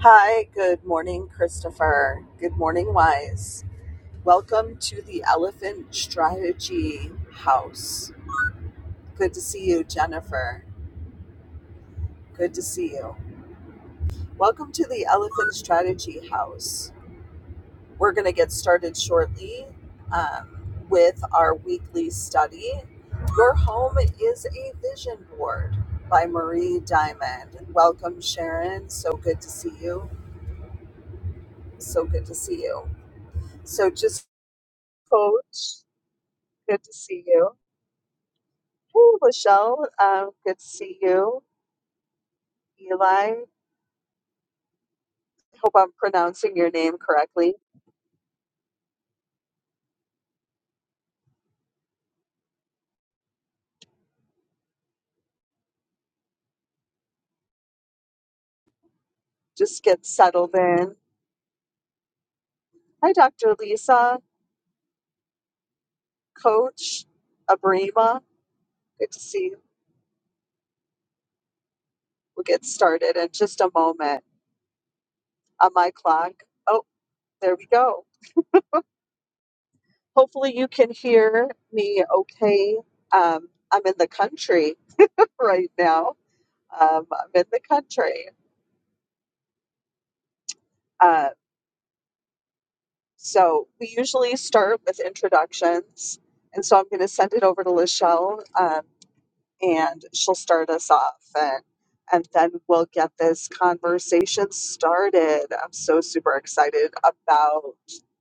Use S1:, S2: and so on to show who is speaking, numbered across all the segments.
S1: Hi, good morning, Christopher. Good morning, Wise. Welcome to the Elephant Strategy House. Good to see you, Jennifer. Good to see you. Welcome to the Elephant Strategy House. We're going to get started shortly um, with our weekly study. Your Home is a Vision Board by Marie Diamond. Welcome, Sharon. So good to see you. So good to see you. So just coach. Good to see you. Hey, Michelle, um, good to see you. Eli, hope I'm pronouncing your name correctly. Just get settled in. Hi, Dr. Lisa, Coach Abrima. Good to see you. We'll get started in just a moment on my clock. Oh, there we go. Hopefully, you can hear me okay. Um, I'm in the country right now. Um, I'm in the country. Uh, So we usually start with introductions. And so I'm going to send it over to Lachelle um, and she'll start us off. And, and then we'll get this conversation started. I'm so super excited about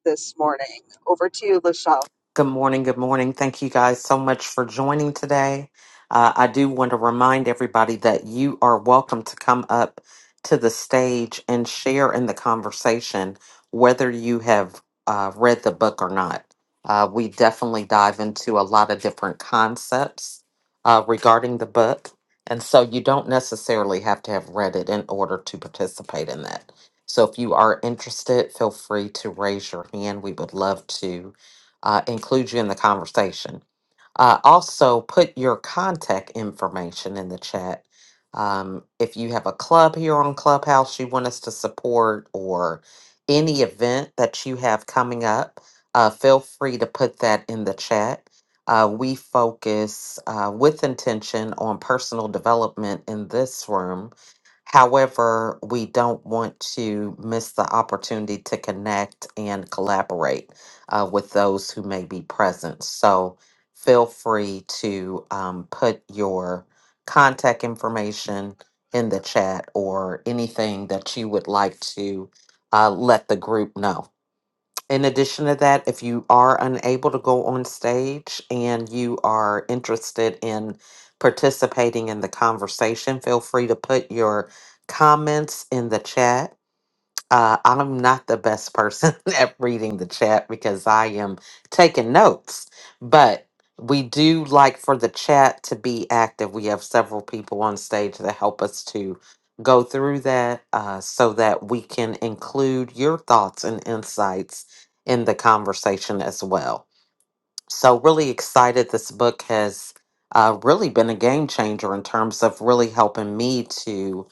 S1: this morning. Over to you, Lachelle.
S2: Good morning. Good morning. Thank you guys so much for joining today. Uh, I do want to remind everybody that you are welcome to come up to the stage and share in the conversation, whether you have uh, read the book or not. Uh, we definitely dive into a lot of different concepts uh, regarding the book. And so you don't necessarily have to have read it in order to participate in that. So if you are interested, feel free to raise your hand. We would love to uh, include you in the conversation. Uh, also, put your contact information in the chat. Um, if you have a club here on Clubhouse you want us to support or any event that you have coming up, uh, feel free to put that in the chat. Uh, we focus uh, with intention on personal development in this room However, we don't want to miss the opportunity to connect and collaborate uh, with those who may be present. So feel free to um, put your contact information in the chat or anything that you would like to uh, let the group know. In addition to that, if you are unable to go on stage and you are interested in participating in the conversation, feel free to put your comments in the chat. Uh, I'm not the best person at reading the chat because I am taking notes, but we do like for the chat to be active. We have several people on stage that help us to go through that uh, so that we can include your thoughts and insights in the conversation as well. So, really excited. This book has uh, really been a game changer in terms of really helping me to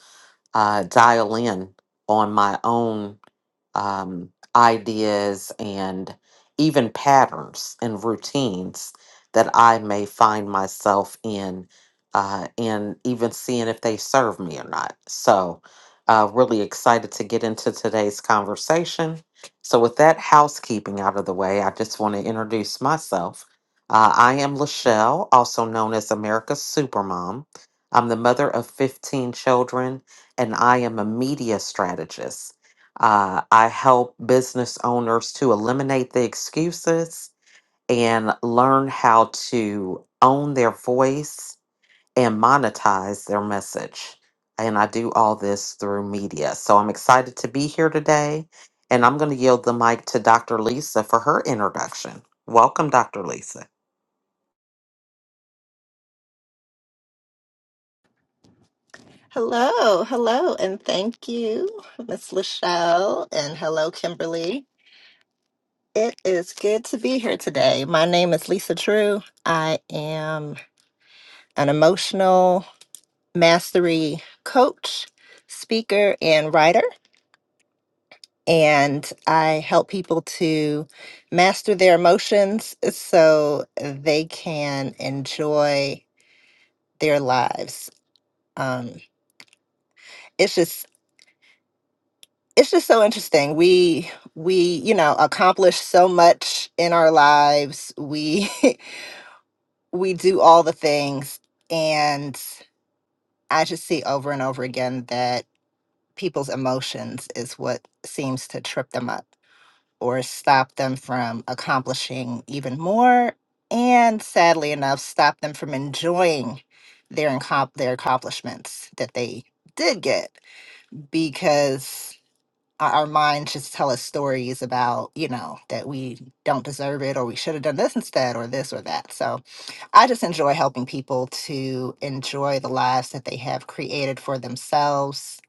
S2: uh, dial in on my own um, ideas and even patterns and routines that I may find myself in, uh, and even seeing if they serve me or not. So, uh, really excited to get into today's conversation. So, with that housekeeping out of the way, I just want to introduce myself. Uh, I am Lachelle, also known as America's Supermom. I'm the mother of 15 children, and I am a media strategist. Uh, I help business owners to eliminate the excuses and learn how to own their voice and monetize their message. And I do all this through media. So I'm excited to be here today. And I'm going to yield the mic to Dr. Lisa for her introduction. Welcome, Dr. Lisa.
S3: Hello, hello, and thank you, Miss Lachelle, and hello, Kimberly. It is good to be here today. My name is Lisa True. I am an emotional mastery coach, speaker, and writer, and I help people to master their emotions so they can enjoy their lives. Um, it's just it's just so interesting we we you know accomplish so much in our lives we we do all the things and i just see over and over again that people's emotions is what seems to trip them up or stop them from accomplishing even more and sadly enough stop them from enjoying their incom- their accomplishments that they did get because our our minds just tell us stories about, you know, that we don't deserve it or we should have done this instead or this or that. So I just enjoy helping people to enjoy the lives that they have created for themselves,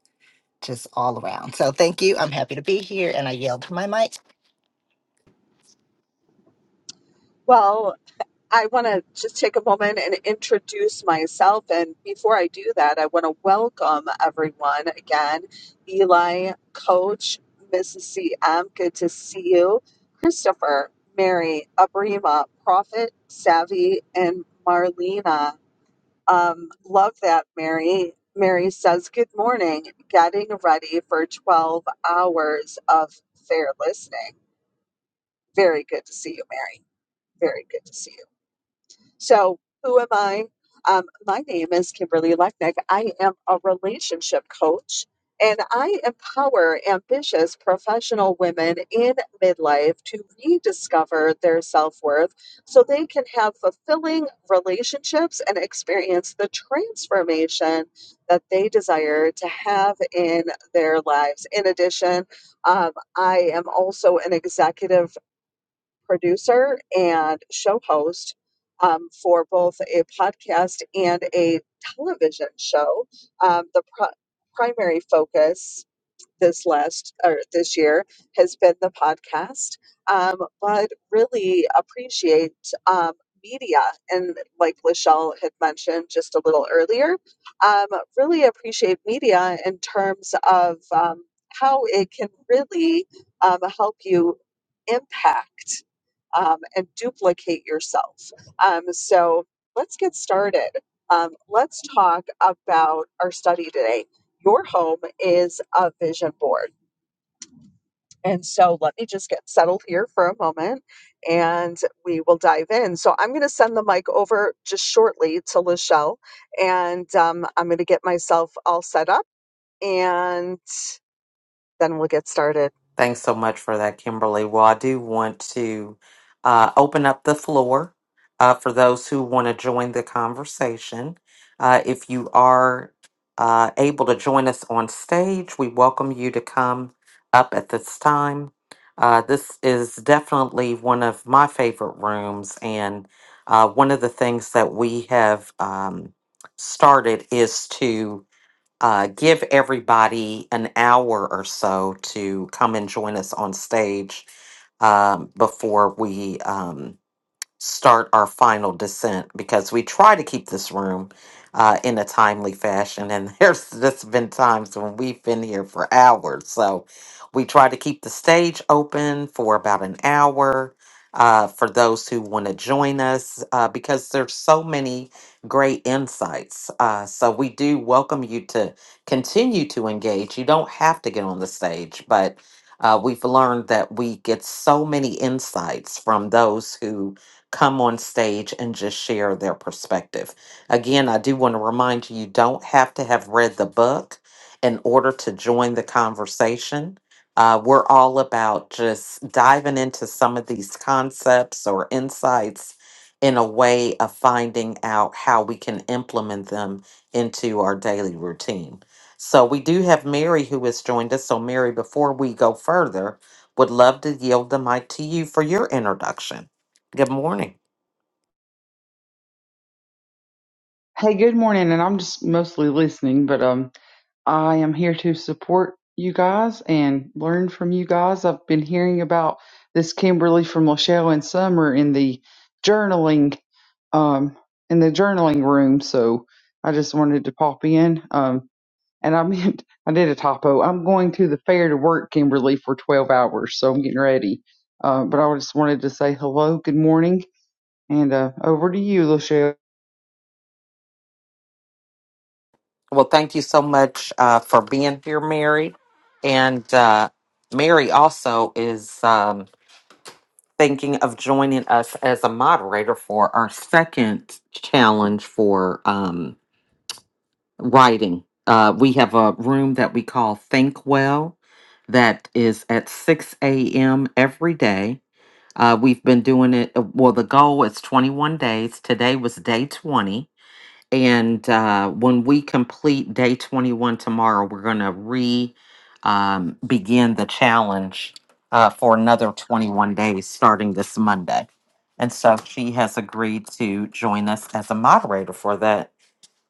S3: just all around. So thank you. I'm happy to be here and I yelled my mic.
S1: Well, I want to just take a moment and introduce myself. And before I do that, I want to welcome everyone again. Eli, Coach, Mrs. CM, good to see you. Christopher, Mary, Abrima, Prophet, Savvy, and Marlena. Um, love that, Mary. Mary says, Good morning. Getting ready for 12 hours of fair listening. Very good to see you, Mary. Very good to see you. So, who am I? Um, my name is Kimberly Lechnick. I am a relationship coach and I empower ambitious professional women in midlife to rediscover their self worth so they can have fulfilling relationships and experience the transformation that they desire to have in their lives. In addition, um, I am also an executive producer and show host um, for both a podcast and a television show. Um, the pro- primary focus this last or this year has been the podcast, um, but really appreciate um, media and like Lachelle had mentioned just a little earlier. Um, really appreciate media in terms of um, how it can really um, help you impact um, and duplicate yourself. Um, so let's get started. Um, let's talk about our study today. Your home is a vision board. And so let me just get settled here for a moment and we will dive in. So I'm going to send the mic over just shortly to Lachelle and um, I'm going to get myself all set up and then we'll get started.
S2: Thanks so much for that, Kimberly. Well, I do want to uh, open up the floor uh, for those who want to join the conversation. Uh, if you are uh, able to join us on stage, we welcome you to come up at this time. Uh, this is definitely one of my favorite rooms, and uh, one of the things that we have um, started is to uh, give everybody an hour or so to come and join us on stage um, before we um, start our final descent because we try to keep this room uh, in a timely fashion. And there's just been times when we've been here for hours. So we try to keep the stage open for about an hour uh, for those who want to join us uh, because there's so many great insights. Uh, so we do welcome you to continue to engage. You don't have to get on the stage, but uh, we've learned that we get so many insights from those who come on stage and just share their perspective. Again, I do want to remind you you don't have to have read the book in order to join the conversation. Uh, we're all about just diving into some of these concepts or insights in a way of finding out how we can implement them into our daily routine. So, we do have Mary who has joined us. So, Mary, before we go further, would love to yield the mic to you for your introduction. Good morning.
S4: Hey, good morning, and I'm just mostly listening, but um, I am here to support you guys and learn from you guys. I've been hearing about this Kimberly from Lachelle and Summer in the journaling, um, in the journaling room. So I just wanted to pop in. Um, and I meant I did a typo. I'm going to the fair to work, Kimberly, for 12 hours, so I'm getting ready. Uh, but I just wanted to say hello, good morning, and uh, over to you, Lachelle.
S2: Well, thank you so much uh, for being here, Mary. And uh, Mary also is um, thinking of joining us as a moderator for our second challenge for um, writing. Uh, we have a room that we call Think Well that is at 6 a.m. every day. Uh, we've been doing it, uh, well, the goal is 21 days. Today was day 20 and uh, when we complete day 21 tomorrow, we're going to re um, begin the challenge uh, for another 21 days starting this Monday. And so she has agreed to join us as a moderator for that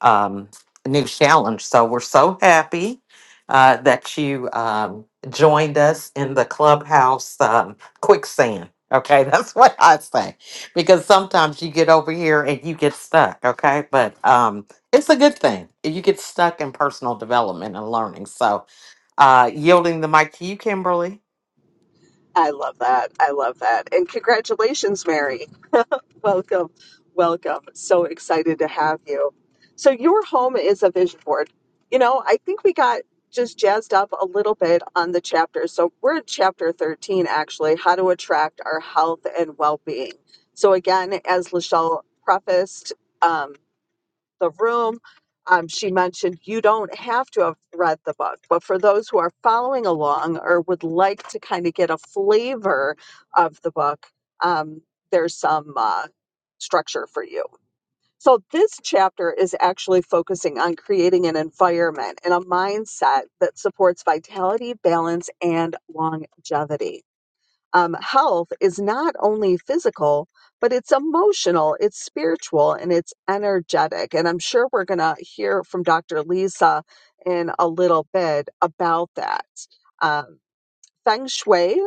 S2: um, new challenge. So we're so happy uh, that you um, joined us in the clubhouse um, quicksand. Okay, that's what I say because sometimes you get over here and you get stuck. Okay, but um, it's a good thing you get stuck in personal development and learning. So, uh, yielding the mic to you, Kimberly.
S1: I love that. I love that. And congratulations, Mary. Welcome, welcome. So excited to have you. So, your home is a vision board. You know, I think we got just jazzed up a little bit on the chapter. So, we're at chapter 13, actually, how to attract our health and well being. So, again, as Lachelle prefaced, um, the room. Um, she mentioned you don't have to have read the book, but for those who are following along or would like to kind of get a flavor of the book, um, there's some uh, structure for you. So, this chapter is actually focusing on creating an environment and a mindset that supports vitality, balance, and longevity um, health is not only physical, but it's emotional, it's spiritual, and it's energetic. And I'm sure we're going to hear from Dr. Lisa in a little bit about that. Um, feng shui.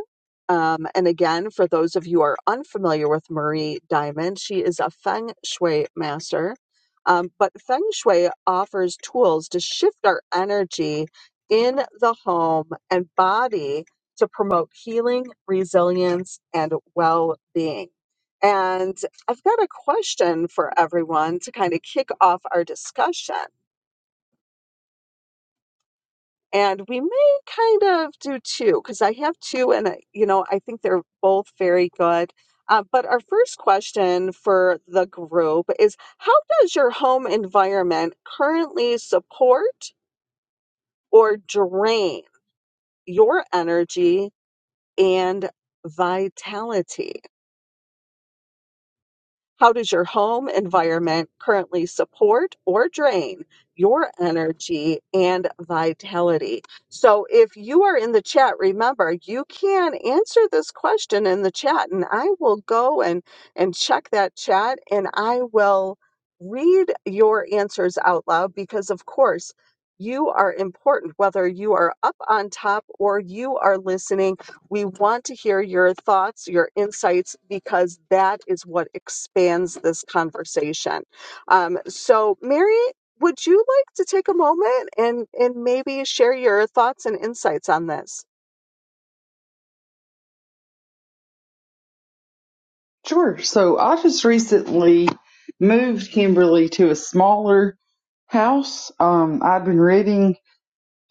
S1: Um, and again, for those of you who are unfamiliar with Marie Diamond, she is a feng shui master. Um, but feng shui offers tools to shift our energy in the home and body to promote healing, resilience, and well being. And I've got a question for everyone to kind of kick off our discussion and we may kind of do two because I have two, and I- you know I think they're both very good. Uh, but our first question for the group is: How does your home environment currently support or drain your energy and vitality? How does your home environment currently support or drain your energy and vitality? So, if you are in the chat, remember you can answer this question in the chat, and I will go and, and check that chat and I will read your answers out loud because, of course, you are important whether you are up on top or you are listening we want to hear your thoughts, your insights, because that is what expands this conversation. Um, so, Mary, would you like to take a moment and, and maybe share your thoughts and insights on this?
S4: Sure. So I just recently moved Kimberly to a smaller house. Um, I've been reading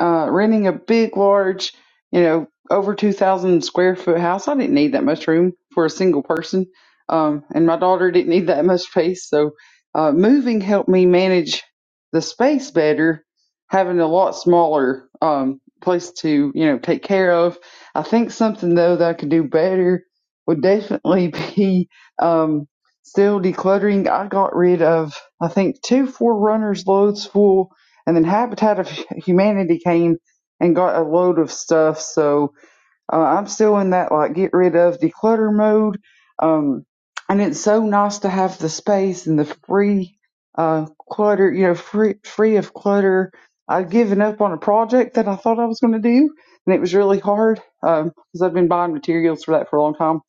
S4: uh, renting a big, large, you know, over 2,000 square foot house, I didn't need that much room for a single person. Um, and my daughter didn't need that much space. So uh, moving helped me manage the space better, having a lot smaller um, place to, you know, take care of. I think something, though, that I could do better would definitely be um, still decluttering. I got rid of, I think, two forerunners loads full and then Habitat of Humanity came and got a load of stuff. So uh, I'm still in that like get rid of declutter mode. Um, and it's so nice to have the space and the free uh, clutter, you know, free free of clutter. I'd given up on a project that I thought I was going to do, and it was really hard because um, I've been buying materials for that for a long time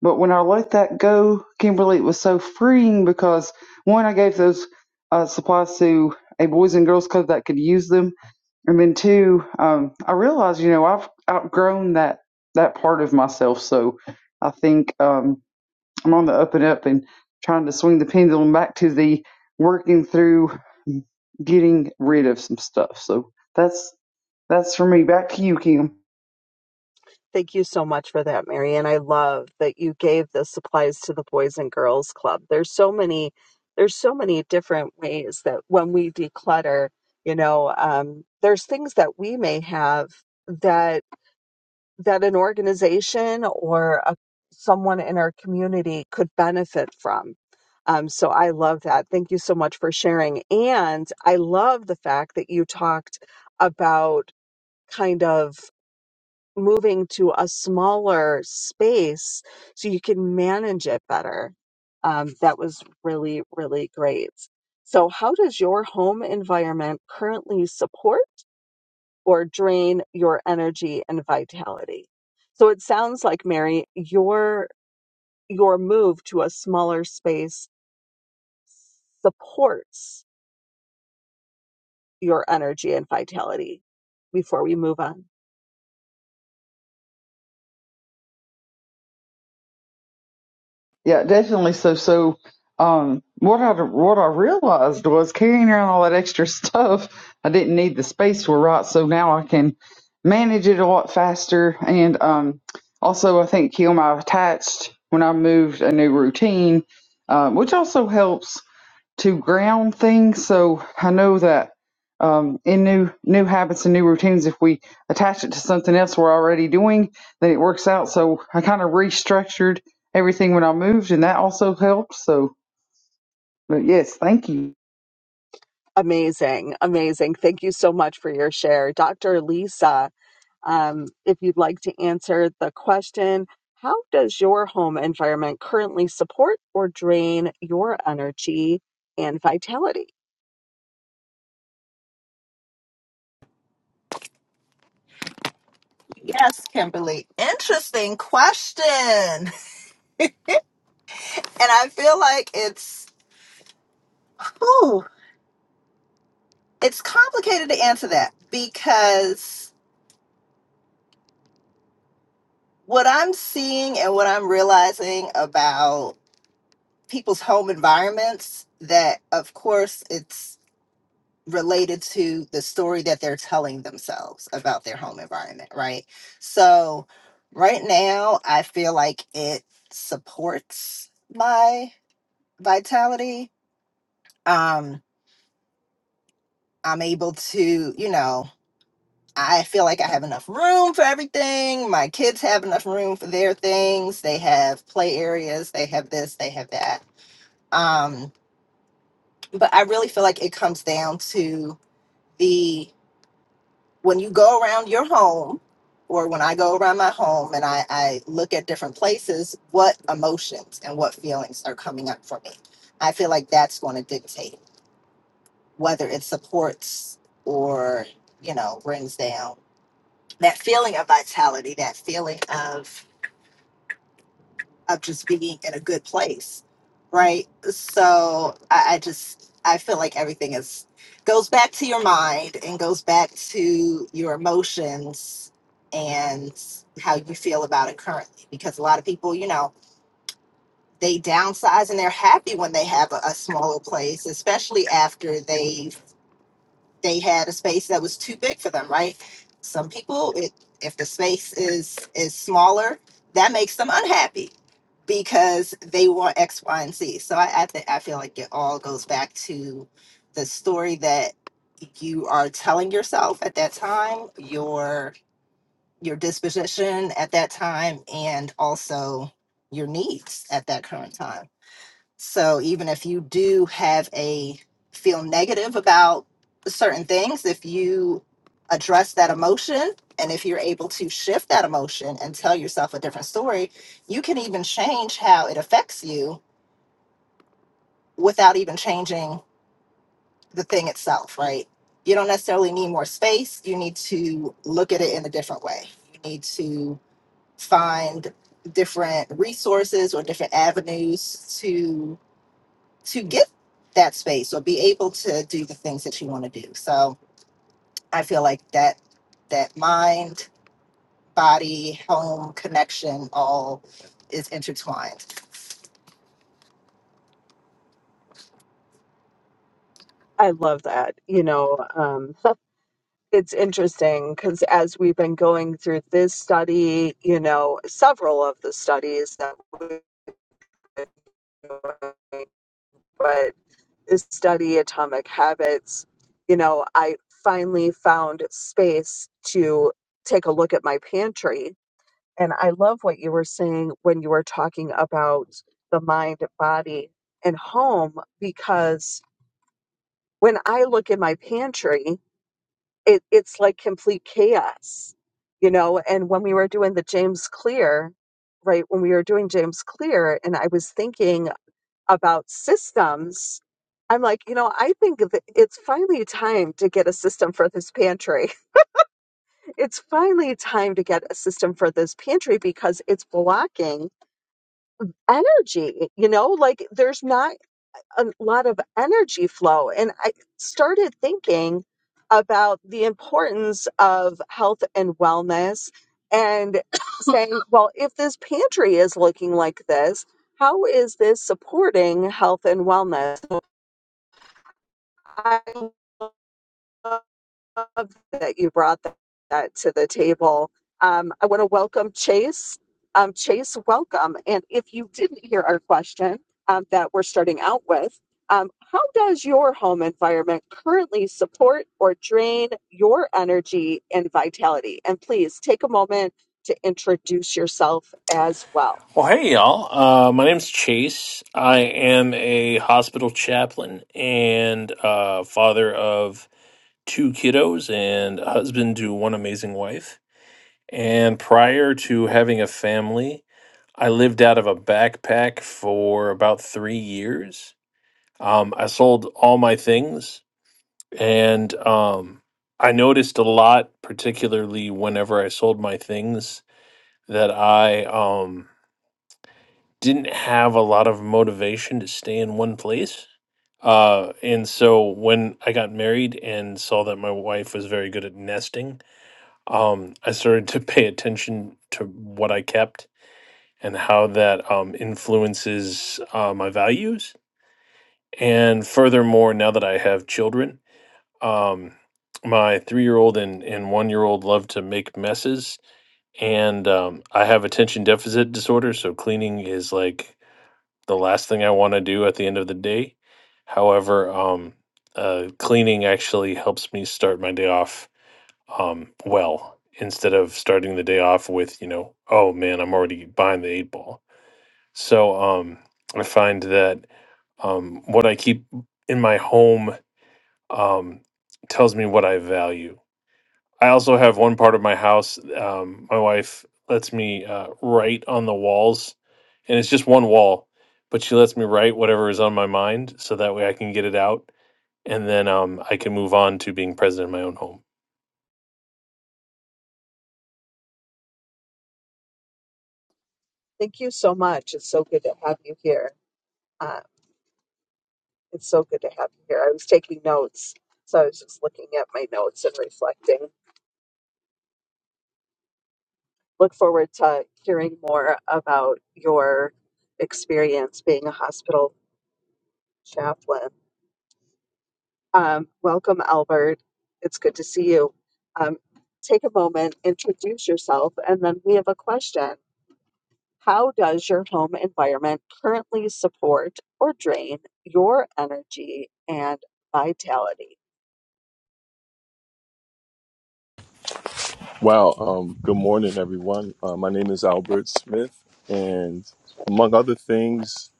S4: but when I let that go, Kimberly, it was so freeing because one, I gave those uh, supplies to a boys and girls club that could use them, and then two, um, I realized, you know, I've outgrown that that part of myself. So I think um, I'm on the up and up and trying to swing the pendulum back to the working through getting rid of some stuff. So that's that's for me. Back to you, Kim.
S1: Thank you so much for that, Mary. And I love that you gave the supplies to the Boys and Girls Club. There's so many, there's so many different ways that when we declutter, you know, um, there's things that we may have that. that an organization or a, someone in our community could benefit from. Um, so I love that. Thank you so much for sharing. And I love the fact that you talked about kind of moving to a smaller space so you can manage it better. Um, that was really, really great. So, how does your home environment currently support? or drain your energy and vitality. So it sounds like Mary, your your move to a smaller space supports your energy and vitality before we move on.
S4: Yeah, definitely. So, so, um, what I what I realized was carrying around all that extra stuff, I didn't need the space for right. So now I can manage it a lot faster, and um, also I think Kim, I attached when I moved a new routine, um, which also helps to ground things. So I know that um, in new new habits and new routines, if we attach it to something else we're already doing, then it works out. So I kind of restructured everything when I moved, and that also helped. So but yes, thank you.
S1: Amazing, amazing. Thank you so much for your share. Dr. Lisa, um, if you'd like to answer the question, how does your home environment currently support or drain your energy and vitality?
S3: Yes, Kimberly. Interesting question. And I feel like it's ooh, it's complicated to answer that because what I'm seeing and what I'm realizing about. people's home environments that of course it's related to the story that they're telling themselves about their home environment right so right now i feel like it supports my vitality um i'm able to you know i feel like i have enough room for everything my kids have enough room for their things they have play areas they have this they have that um but i really feel like it comes down to the when you go around your home or when I go around my home and I, I look at different places, what emotions and what feelings are coming up for me. I feel like that's going to dictate whether it supports or, you know, brings down that feeling of vitality, that feeling of of just being in a good place, right? So I, I just I feel like everything is goes back to your mind and goes back to your emotions and how you feel about it currently. Because a lot of people, you know, they downsize and they're happy when they have a, a smaller place, especially after they've they had a space that was too big for them, right? Some people, it, if the space is is smaller, that makes them unhappy because they want X, Y, and Z. So I I, th- I feel like it all goes back to the story that you are telling yourself at that time, your your disposition at that time, and also your needs at that current time. So even if you do have a feel negative about certain things, if you address that emotion and if you're able to shift that emotion and tell yourself a different story, you can even change how it affects you without even changing the thing itself, right? You don't necessarily need more space. You need to look at it in a different way. You need to find different resources or different avenues to. to get that space or be able to do the things that you want to do. So I feel like that that mind, body, home connection all is intertwined.
S1: I love that. You know, um, it's interesting because as we've been going through this study, you know, several of the studies that we've been doing, but this study, Atomic Habits, you know, I finally found space to take a look at my pantry. And I love what you were saying when you were talking about the mind, body, and home, because when I look in my pantry, it, it's like complete chaos, you know. And when we were doing the James Clear, right, when we were doing James Clear, and I was thinking about systems, I'm like, you know, I think that it's finally time to get a system for this pantry. It's finally time to get a system for this pantry because it's blocking energy, you know, like there's not a lot of energy flow. And I started thinking about the importance of health and wellness and saying, well, if this pantry is looking like this, how is this supporting health and wellness? So I that you brought that, that to the table. Um, I want to welcome Chase. Um, Chase, welcome. And if you didn't hear our question um, that we're starting out with, um, how does your home environment currently support or drain your energy and vitality? And please take a moment to introduce yourself as well.
S5: Well, hey, y'all. Uh, my name's Chase. I am a hospital chaplain and uh, father of two kiddos and a husband to one amazing wife. And prior to having a family, I lived out of a backpack for about three years. Um, I sold all my things, and um, I noticed a lot, particularly whenever I sold my things, that I um, didn't have a lot of motivation to stay in one place. Uh, and so when I got married and saw that my wife was very good at nesting, um, I started to pay attention to what I kept and how that um, influences uh, my values. And furthermore, now that I have children, um, my three year old and, and one year old love to make messes and um, I have attention deficit disorder, so cleaning is like the last thing I want to do at the end of the day. However, um, uh, cleaning actually helps me start my day off um, well instead of starting the day off with, you know, oh man, I'm already behind the eight ball. So um, I find that um, what I keep in my home um, tells me what I value. I also have one part of my house. Um, my wife lets me uh, write on the walls, and it's just one wall, but she lets me write whatever is on my mind, so that way I can get it out, and then um, I can move on to being president in my own home.
S1: Thank you so much. It's so good to have you here. Uh, it's so good to have you here. I was taking notes, so I was just looking at my notes and reflecting. look forward to hearing more about your experience being a hospital chaplain. Um, welcome, Albert. It's good to see you. Um, take a moment, introduce yourself, and then we have a question. How does your home environment currently support or drain your energy and vitality?
S6: Wow. Um, good morning, everyone. Uh, my name is Albert Smith, and among other things,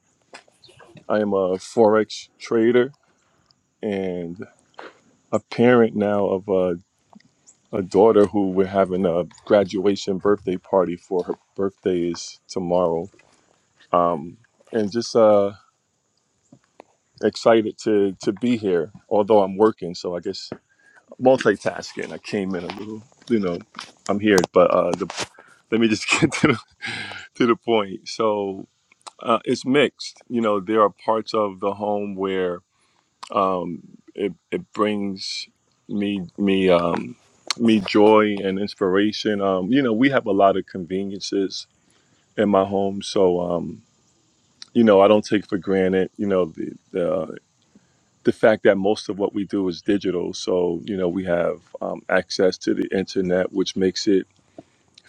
S6: I am a forex trader and a parent now of a, a daughter who we're having a graduation birthday party for. Her birthday is tomorrow, um, and just uh, excited to to be here. Although I'm working, so I guess multitasking. I came in a little, you know, I'm here, but uh, the, let me just get to the, to the point. So Uh, it's mixed. You know, there are parts of the home where um, it it brings me me um, me joy and inspiration. Um, you know, we have a lot of conveniences in my home, so um, you know, I don't take for granted. You know, the the the fact that most of what we do is digital, so you know, we have um, access to the internet, which makes it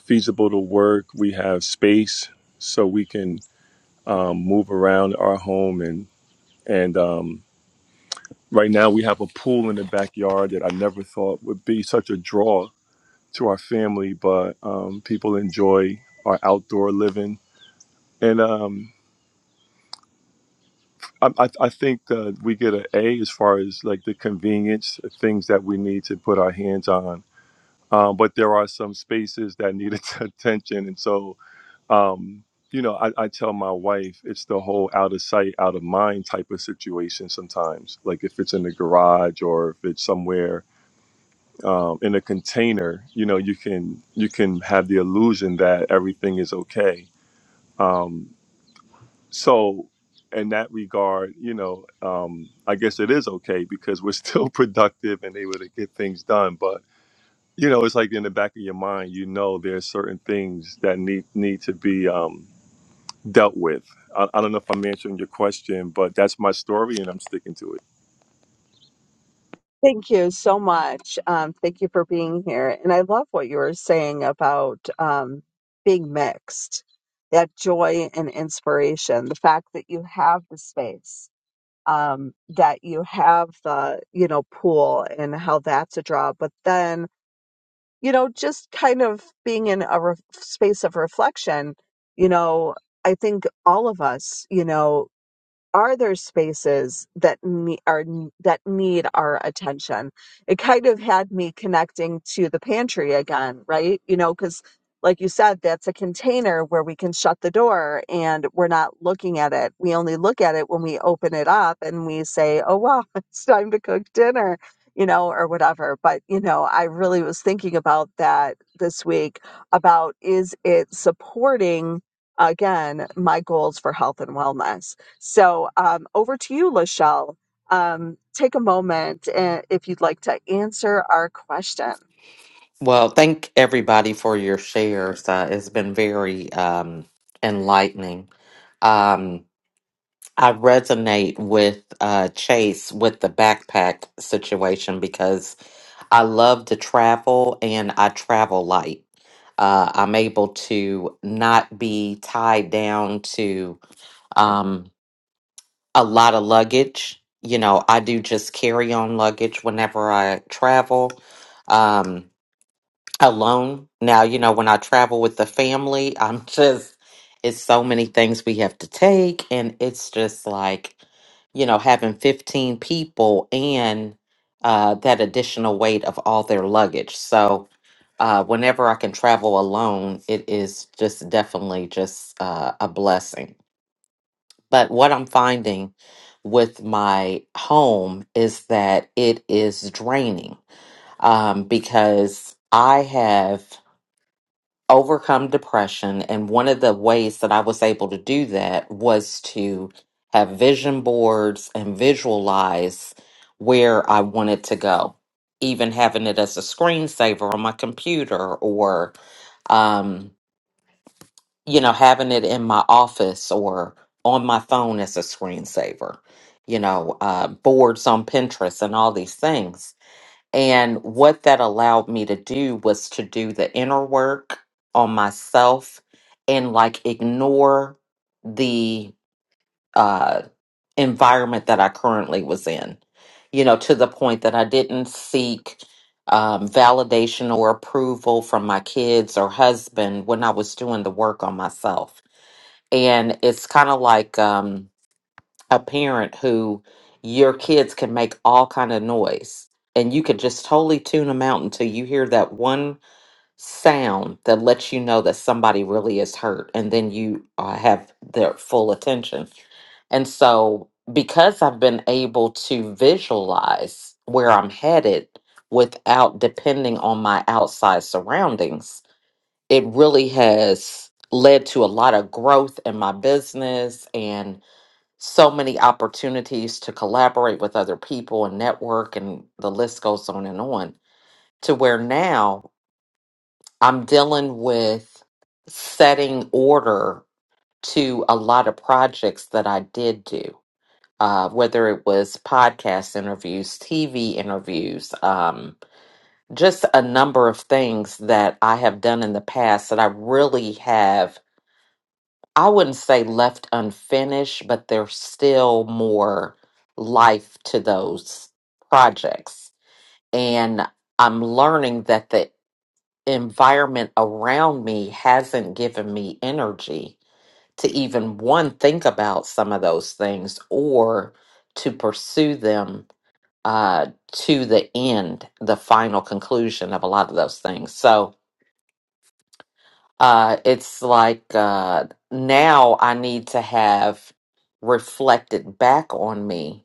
S6: feasible to work. We have space, so we can um, move around our home and And um, right now we have a pool in the backyard that I never thought would be such a draw to our family, but um, people enjoy our outdoor living. And um, I, I, I think that we get an A as far as like the convenience, things that we need to put our hands on. Um, but there are some spaces that need attention. And so, um, you know, I, I tell my wife it's the whole out of sight, out of mind type of situation sometimes. Like if it's in the garage or if it's somewhere um, in a container, you know, you can you can have the illusion that everything is okay. Um, so, in that regard, you know, um, I guess it is okay because we're still productive and able to get things done. But you know, it's like in the back of your mind, you know, there's certain things that need need to be um, dealt with. I, I don't know if I'm answering your question, but that's my story, and I'm sticking to it.
S1: Thank you so much. Um, thank you for being here. And I love what you were saying about um, being mixed, that joy and inspiration, the fact that you have the space, um, that you have the, you know, pool and how that's a draw. But then, you know, just kind of being in a re- space of reflection, you know, I think all of us, you know, are there spaces that ne- are that need our attention it kind of had me connecting to the pantry again right you know cuz like you said that's a container where we can shut the door and we're not looking at it we only look at it when we open it up and we say oh wow it's time to cook dinner you know or whatever but you know i really was thinking about that this week about is it supporting again my goals for health and wellness so um, over to you, Lachelle. Um, take a moment uh, if you'd like to answer our question.
S2: Well, thank everybody for your shares. Uh, it's been very um, enlightening. Um, I resonate with uh, Chase with the backpack situation because I love to travel and I travel light. Uh, I'm able to not be tied down to um, a lot of luggage. You know, I do just carry on luggage whenever I travel. Um, alone. Now, you know, when I travel with the family, I'm just, it's so many things we have to take. And it's just like, you know, having 15 people and uh, that additional weight of all their luggage. So, uh, whenever I can travel alone, it is just definitely just uh, a blessing. But what I'm finding with my home is that it is draining um, because I have overcome depression. And one of the ways that I was able to do that was to have vision boards and visualize where I wanted to go, even having it as a screensaver on my computer or, um, you know, having it in my office or on my phone as a screensaver, you know, uh, boards on Pinterest and all these things and what that allowed me to do was to do the inner work on myself and like ignore the uh, environment that I currently was in, you know, to the point that I didn't seek um, validation or approval from my kids or husband when I was doing the work on myself. And it's kind of like, um, a parent who your kids can make all kind of noise and you can just totally tune them out until you hear that one sound that lets you know that somebody really is hurt and then you uh, have their full attention and so because i've been able to visualize where i'm headed without depending on my outside surroundings it really has led to a lot of growth in my business so many opportunities to collaborate with other people and network and the list goes on and on to where now I'm dealing with setting order to a lot of projects that I did do. Uh, whether it was podcast interviews, TV interviews, um, just a number of things that I have done in the past that I really have I wouldn't say left unfinished, but there's still more life to those projects. And I'm learning that the environment around me hasn't given me energy to even one think about some of those things or to pursue them uh, to the end, the final conclusion of a lot of those things. So, uh it's like uh now i need to have reflected back on me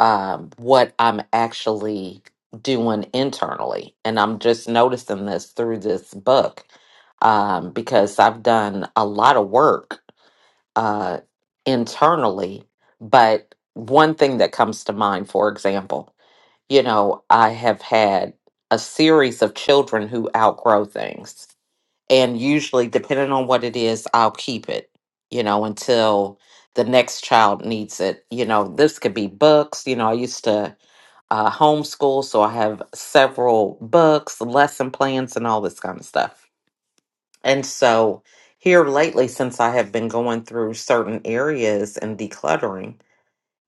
S2: um what i'm actually doing internally and i'm just noticing this through this book um because i've done a lot of work uh internally but one thing that comes to mind for example you know i have had a series of children who outgrow things and usually depending on what it is i'll keep it you know until the next child needs it you know this could be books you know i used to uh, homeschool so i have several books lesson plans and all this kind of stuff and so here lately since i have been going through certain areas and decluttering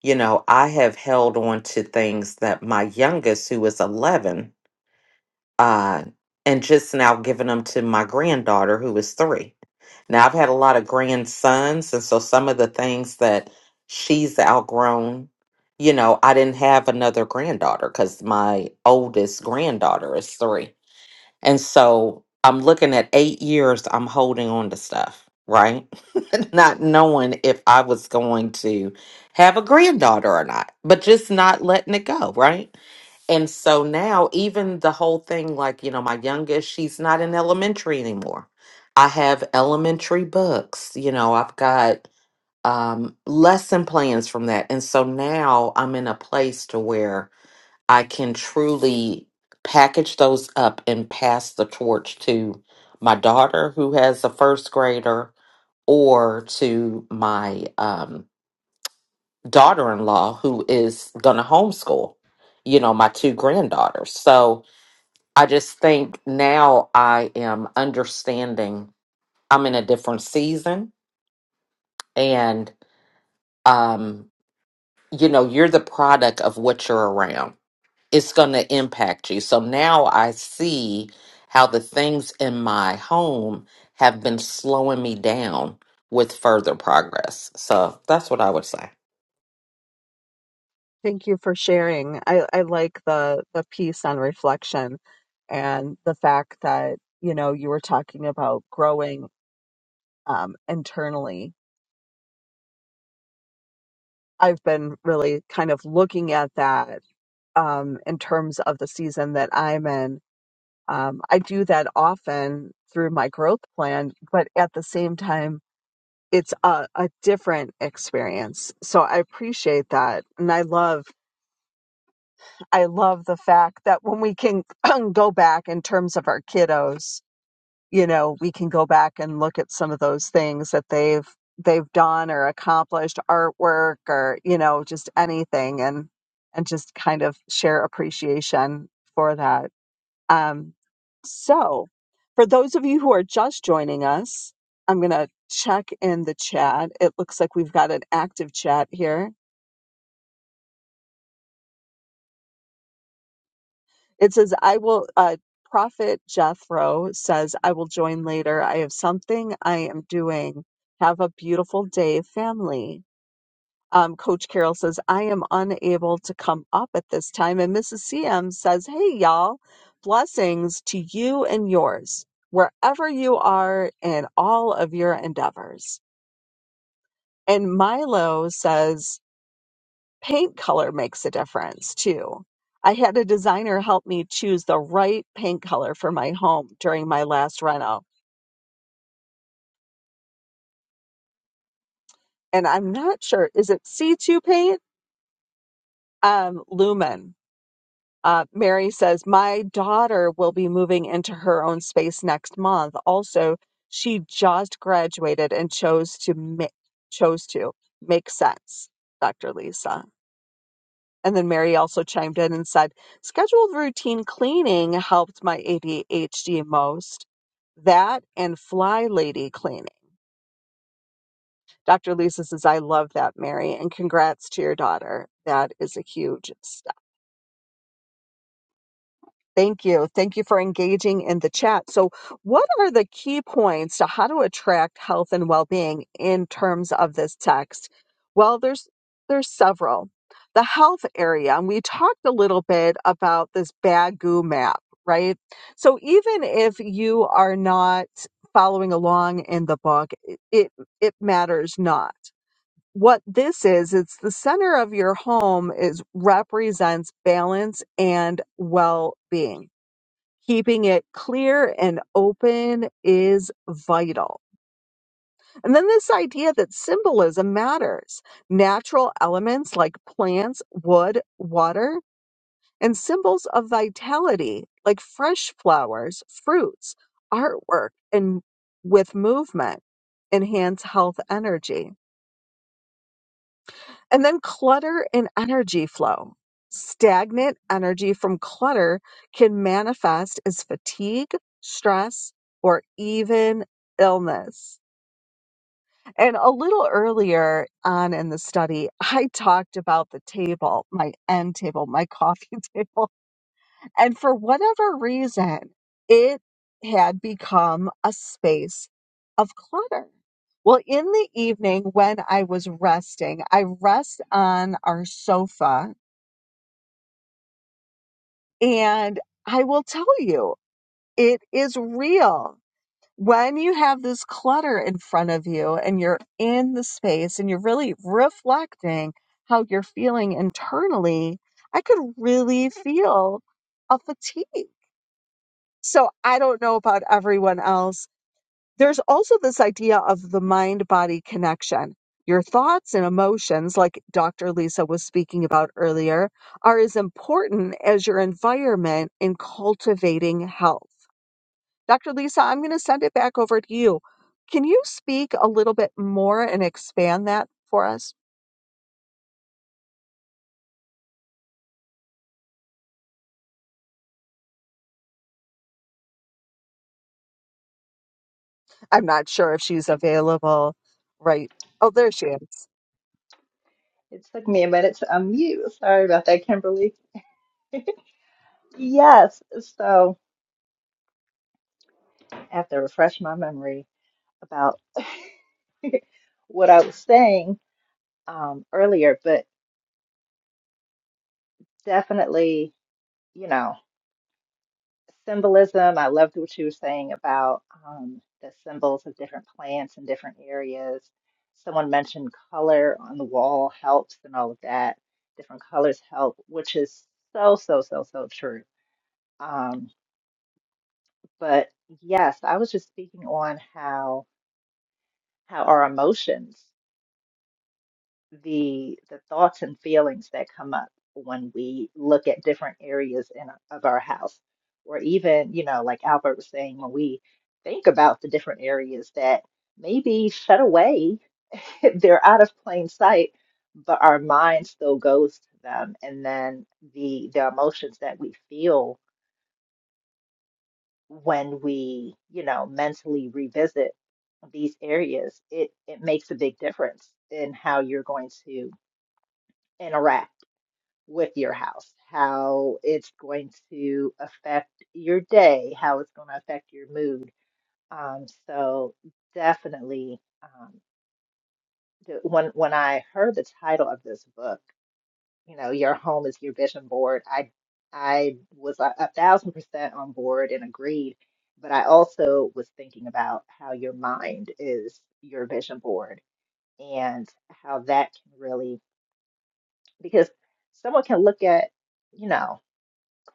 S2: you know i have held on to things that my youngest who is 11 uh, and just now giving them to my granddaughter who is three now, I've had a lot of grandsons, and so some of the things that she's outgrown, you know, I didn't have another granddaughter because my oldest granddaughter is three. And so I'm looking at eight years, I'm holding on to stuff, right? not knowing if I was going to have a granddaughter or not, but just not letting it go, right? And so now, even the whole thing, like, you know, my youngest, she's not in elementary anymore. I have elementary books, you know, I've got um, lesson plans from that. And so now I'm in a place to where I can truly package those up and pass the torch to my daughter who has a first grader or to my um, daughter in law who is going to homeschool, you know, my two granddaughters. So, I just think now I am understanding I'm in a different season and um you know you're the product of what you're around. It's going to impact you. So now I see how the things in my home have been slowing me down with further progress. So that's what I would say.
S1: Thank you for sharing. I, I like the the piece on reflection and the fact that you know you were talking about growing um, internally. I've been really kind of looking at that um, in terms of the season that I'm in. Um, I do that often through my growth plan, but at the same time, it's a, a different experience. So I appreciate that. And I love, I love the fact that when we can go back in terms of our kiddos, you know, we can go back and look at some of those things that they've, they've done or accomplished artwork or, you know, just anything and, and just kind of share appreciation for that. Um, so, for those of you who are just joining us, I'm going to check in the chat. It looks like we've got an active chat here. It says, I will, uh, Prophet Jethro says, I will join later. I have something I am doing. Have a beautiful day, family. Um, Coach Carroll says, I am unable to come up at this time. And Mrs. CM says, Hey, y'all, blessings to you and yours, wherever you are in all of your endeavors. And Milo says, paint color makes a difference too. I had a designer help me choose the right paint color for my home during my last reno. And I'm not sure, is it C2 paint? Um, Lumen. Uh, Mary says, My daughter will be moving into her own space next month. Also, she just graduated and chose to make, chose to make sense, Dr. Lisa. And then Mary also chimed in and said, Scheduled routine cleaning helped my ADHD most. That and fly lady cleaning. Dr. Lisa says, I love that, Mary, and congrats to your daughter. That is a huge step. Thank you. Thank you for engaging in the chat. So, what are the key points to how to attract health and well-being in terms of this text? Well, there's there's several. The health area, and we talked a little bit about this Bagu map, right? So, even if you are not following along in the book, it it, it matters not. What this is, it's the center of your home is represents balance and well-being Keeping it clear and open is vital. And then this idea that symbolism matters. Natural elements like plants, wood, water, and symbols of vitality like fresh flowers, fruits, artwork, and with movement enhance health energy. And then clutter and energy flow. Stagnant energy from clutter can manifest as fatigue, stress, or even illness. And a little earlier on in the study, I talked about the table, my end table, my coffee table. And for whatever reason, it had become a space of clutter. Well, in the evening when I was resting, I rest on our sofa. And I will tell you, it is real. When you have this clutter in front of you and you're in the space and you're really reflecting how you're feeling internally, I could really feel a fatigue So I don't know about everyone else. There's also this idea of the mind body connection. Your thoughts and emotions, like Dr. Lisa was speaking about earlier, are as important as your environment in cultivating health. Dr. Lisa, I'm going to send it back over to you. Can you speak a little bit more and expand that for us? I'm not sure if she's available right. Oh, there she is.
S3: It took me a minute to unmute. Sorry about that, Kimberly. Yes, so I have to refresh my memory about what I was saying um, earlier, but definitely, you know. symbolism. I loved what you were saying about um, the symbols of different plants in different areas. Someone mentioned color on the wall helps and all of that. Different colors help, which is so, so, so, so true. Um, but yes, I was just speaking on how how our emotions. the the thoughts and feelings that come up when we look at different areas in of our house or even you know like Albert was saying when we think about the different areas that maybe shut away they're out of plain sight but our mind still goes to them and then the the emotions that we feel when we you know mentally revisit these areas it it makes a big difference in how you're going to interact with your house, how it's going to affect your day, how it's going to affect your mood. Um, so definitely, um, the, when when I heard the title of this book, you know, your home is your vision board. I I was a, a thousand percent on board and agreed, but I also was thinking about how your mind is your vision board and how that can really because someone can look at you know.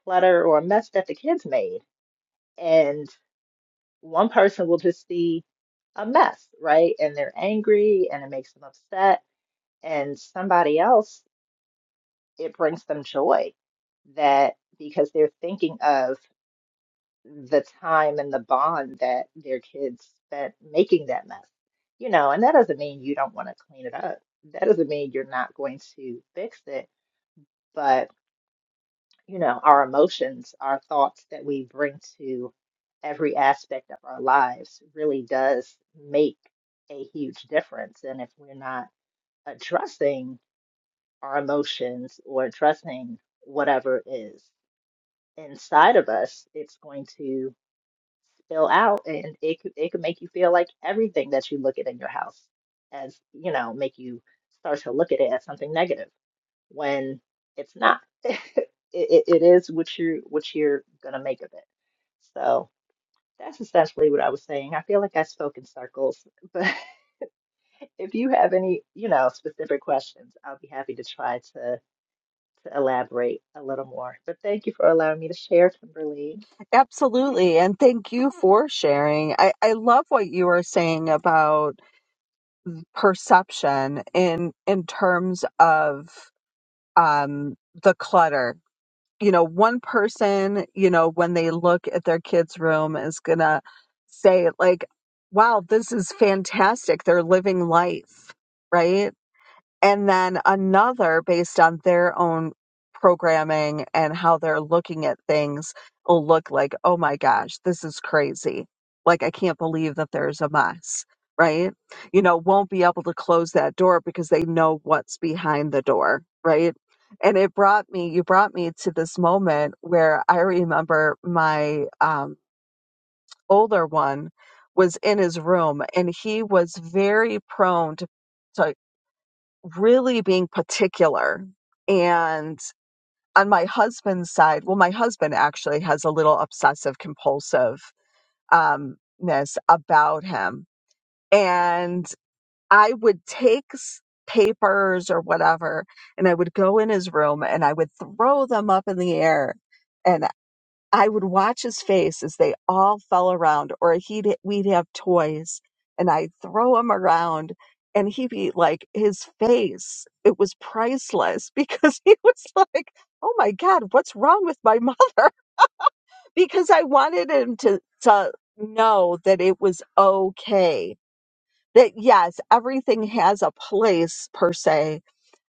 S3: clutter or a mess that the kids made. And one person will just see a mess, right? And they're angry and it makes them upset. And somebody else, it brings them joy that because they're thinking of the time and the bond that their kids spent making that mess. You know, and that doesn't mean you don't want to clean it up. That doesn't mean you're not going to fix it, but you know, our emotions, our thoughts that we bring to every aspect of our lives really does make a huge difference. And if we're not addressing our emotions or addressing whatever is inside of us, it's going to spill out and it could, it could make you feel like everything that you look at in your house as, you know, make you start to look at it as something negative when it's not. it, it, it is what you what you're gonna make of it. So that's essentially what I was saying. I feel like I spoke in circles, but if you have any, you know, specific questions, I'll be happy to try to to elaborate a little more. But thank you for allowing me to share, Kimberly.
S1: Absolutely. And thank you for sharing. I, I love what you were saying about perception in in terms of um the clutter. You know, one person, you know, when they look at their kid's room is gonna say like, wow, this is fantastic. They're living life, right? and then another based on their own programming and how they're looking at things will look like, oh my gosh, this is crazy. Like, I can't believe that there's a mess, right? You know, won't be able to close that door because they know what's behind the door, right? And it brought me, you brought me to this moment where I remember my um, older one was in his room and he was very prone to to really being particular and on my husband's side well my husband actually has a little obsessive compulsive umness about him and i would take s- papers or whatever and i would go in his room and i would throw them up in the air and. I would watch his face as they all fell around, or he'd we'd have toys, and I'd throw them around, and he'd be like, his face, it was priceless because he was like, "Oh my God, what's wrong with my mother?" Because I wanted him to to know that it was okay. That yes, everything has a place per se,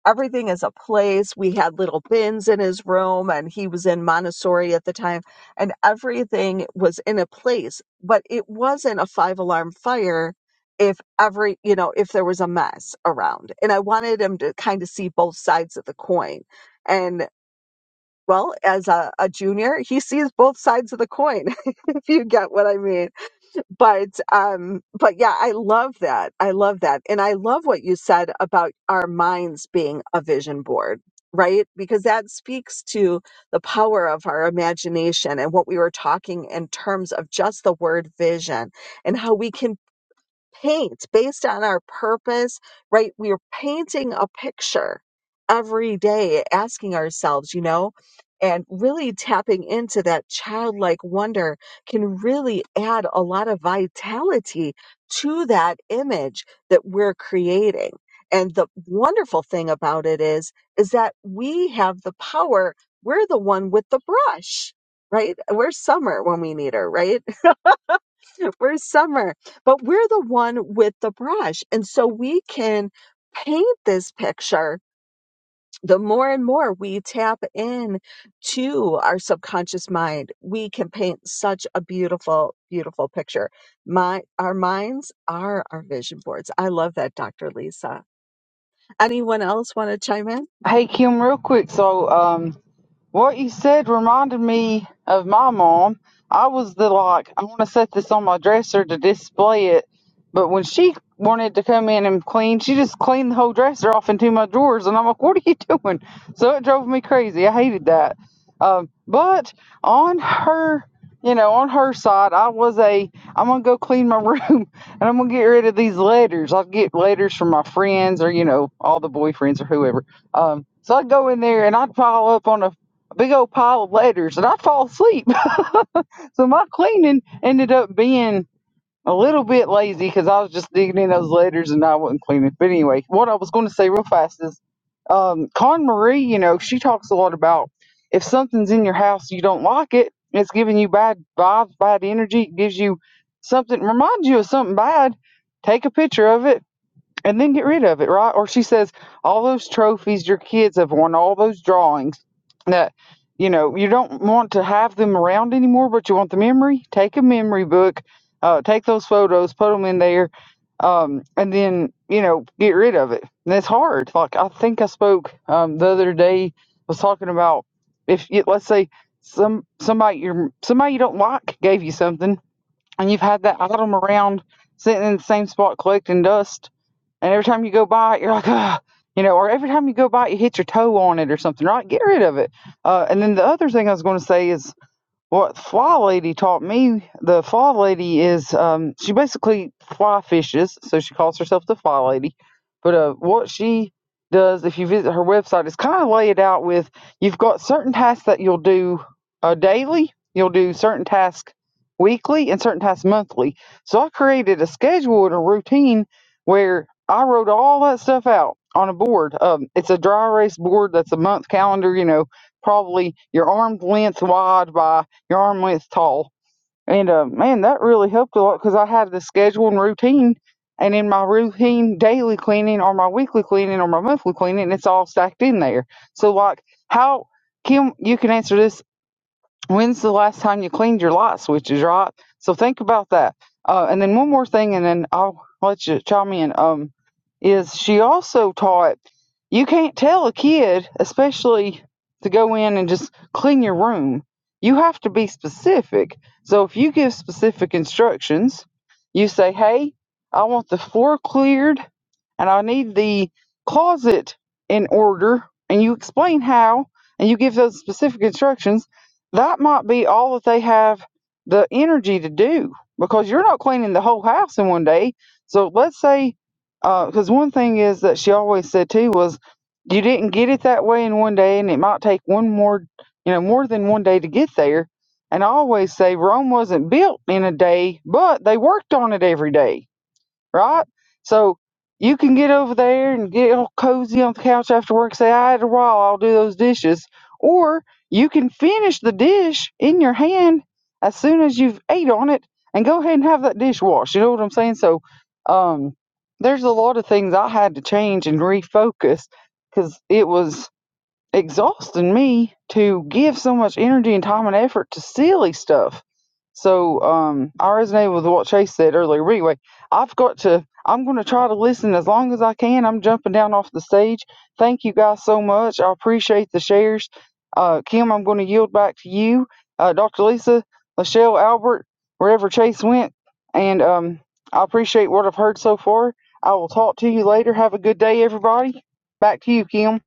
S1: everything is a place. We had little bins in his room, and he was in Montessori at the time, and everything was in a place. But it wasn't a five alarm fire if every, you know, if there was a mess around. And I wanted him to kind of see both sides of the coin. And well, as a, a junior, he sees both sides of the coin, if you get what I mean but um but yeah i love that i love that and i love what you said about our minds being a vision board right because that speaks to the power of our imagination and what we were talking in terms of just the word vision and how we can paint based on our purpose, right? We are painting a picture every day, asking ourselves, you know, and really tapping into that childlike wonder can really add a lot of vitality to that image that we're creating. And the wonderful thing about it is, is that we have the power. We're the one with the brush, right? We're summer when we need her, right? we're summer, but we're the one with the brush. And so we can paint this picture. The more and more we tap in to our subconscious mind, we can paint such a beautiful, beautiful picture. My, our minds are our vision boards. I love that, Dr. Lisa. Anyone else want to chime in?
S4: Hey Kim, real quick. So um, What you said reminded me of my mom. I was the like, I want to set this on my dresser to display it. But when she wanted to come in and clean, she just cleaned the whole dresser off into my drawers. And I'm like, what are you doing? So it drove me crazy. I hated that. Um, but on her, you know, on her side, I was a, I'm going to go clean my room and I'm going to get rid of these letters. I'll get letters from my friends or, you know, all the boyfriends or whoever. Um, so I'd go in there and I'd pile up on a a big old pile of letters and I fall asleep. so my cleaning ended up being a little bit lazy because I was just digging in those letters and I wasn't cleaning. But anyway, what I was going to say real fast is um, Con Marie, you know, she talks a lot about if something's in your house you don't like it, it's giving you bad vibes, bad energy, it gives you something, reminds you of something bad, take a picture of it and then get rid of it, right? Or she says, all those trophies your kids have won, all those drawings that, you know, you don't want to have them around anymore, but you want the memory. Take a memory book, uh, take those photos, put them in there, um, and then, you know, get rid of it. And it's hard. Like, I think I spoke um, the other day, was talking about if, you, let's say, some somebody you somebody you don't like gave you something and you've had that item around sitting in the same spot collecting dust and every time you go by it, you're like, ah, you know, or every time you go by it, you hit your toe on it or something, right? Get rid of it. Uh, and then the other thing I was going to say is what fly lady taught me the fly lady is um she basically fly fishes so she calls herself the fly lady but uh what she does if you visit her website is kind of lay it out with you've got certain tasks that you'll do uh, daily you'll do certain tasks weekly and certain tasks monthly so i created a schedule and a routine where i wrote all that stuff out on a board um, it's a dry erase board that's a month calendar you know probably your arm's length wide by your arm length tall. And uh, man, that really helped a lot because I had the schedule and routine. And in my routine daily cleaning or my weekly cleaning or my monthly cleaning, it's all stacked in there. So, like, how, Kim, you can answer this When's the last time you cleaned your light switches, right? So think about that. Uh, and then one more thing, and then I'll let you chime in. Um, is she also taught you can't tell a kid, especially to go in and just clean your room. You have to be specific. So if you give specific instructions, you say, "Hey, I want the floor cleared, and I need the closet in order," and you explain how, and you give those specific instructions that might be all that they have the energy to do because you're not cleaning the whole house in one day. So let's say, because one thing is that she always said too was you didn't get it that way in one day, and it might take one more, you know, more than one day to get there. And I always say Rome wasn't built in a day, but they worked on it every day right? So you can get over there and get all cozy on the couch after work, say, I had a while, I'll do those dishes. Or you can finish the dish in your hand as soon as you've ate on it and go ahead and have that dish washed. You know what I'm saying? So um, there's a lot of things I had to change and refocus because it was exhausting me to give so much energy and time and effort to silly stuff. So um, I resonate with what Chase said earlier. But anyway, I've got to. I'm going to try to listen as long as I can. I'm jumping down off the stage. Thank you guys so much. I appreciate the shares. Uh, Kim, I'm going to yield back to you. Uh, Dr. Lisa, Michelle, Albert, wherever Chase went, and um, I appreciate what I've heard so far. I will talk to you later. Have a good day, everybody. Back to you, Kim.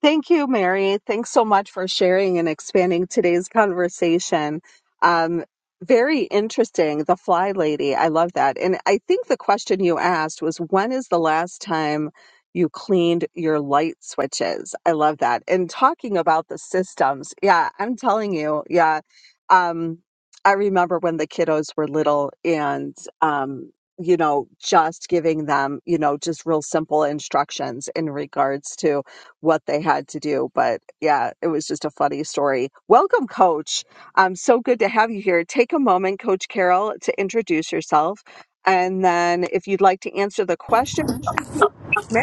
S1: Thank you, Mary. Thanks so much for sharing and expanding today's conversation. Um, very interesting, the fly lady. I love that. And I think the question you asked was when is the last time you cleaned your light switches? I love that. And talking about the systems, yeah, I'm telling you, yeah. Um, I remember when the kiddos were little and, um, you know, just giving them, you know, just real simple instructions in regards to what they had to do. But yeah, it was just a funny story. Welcome, Coach. Um, so good to have you here. Take a moment, Coach Carol, to introduce yourself. And then if you'd like to answer the question, Yes,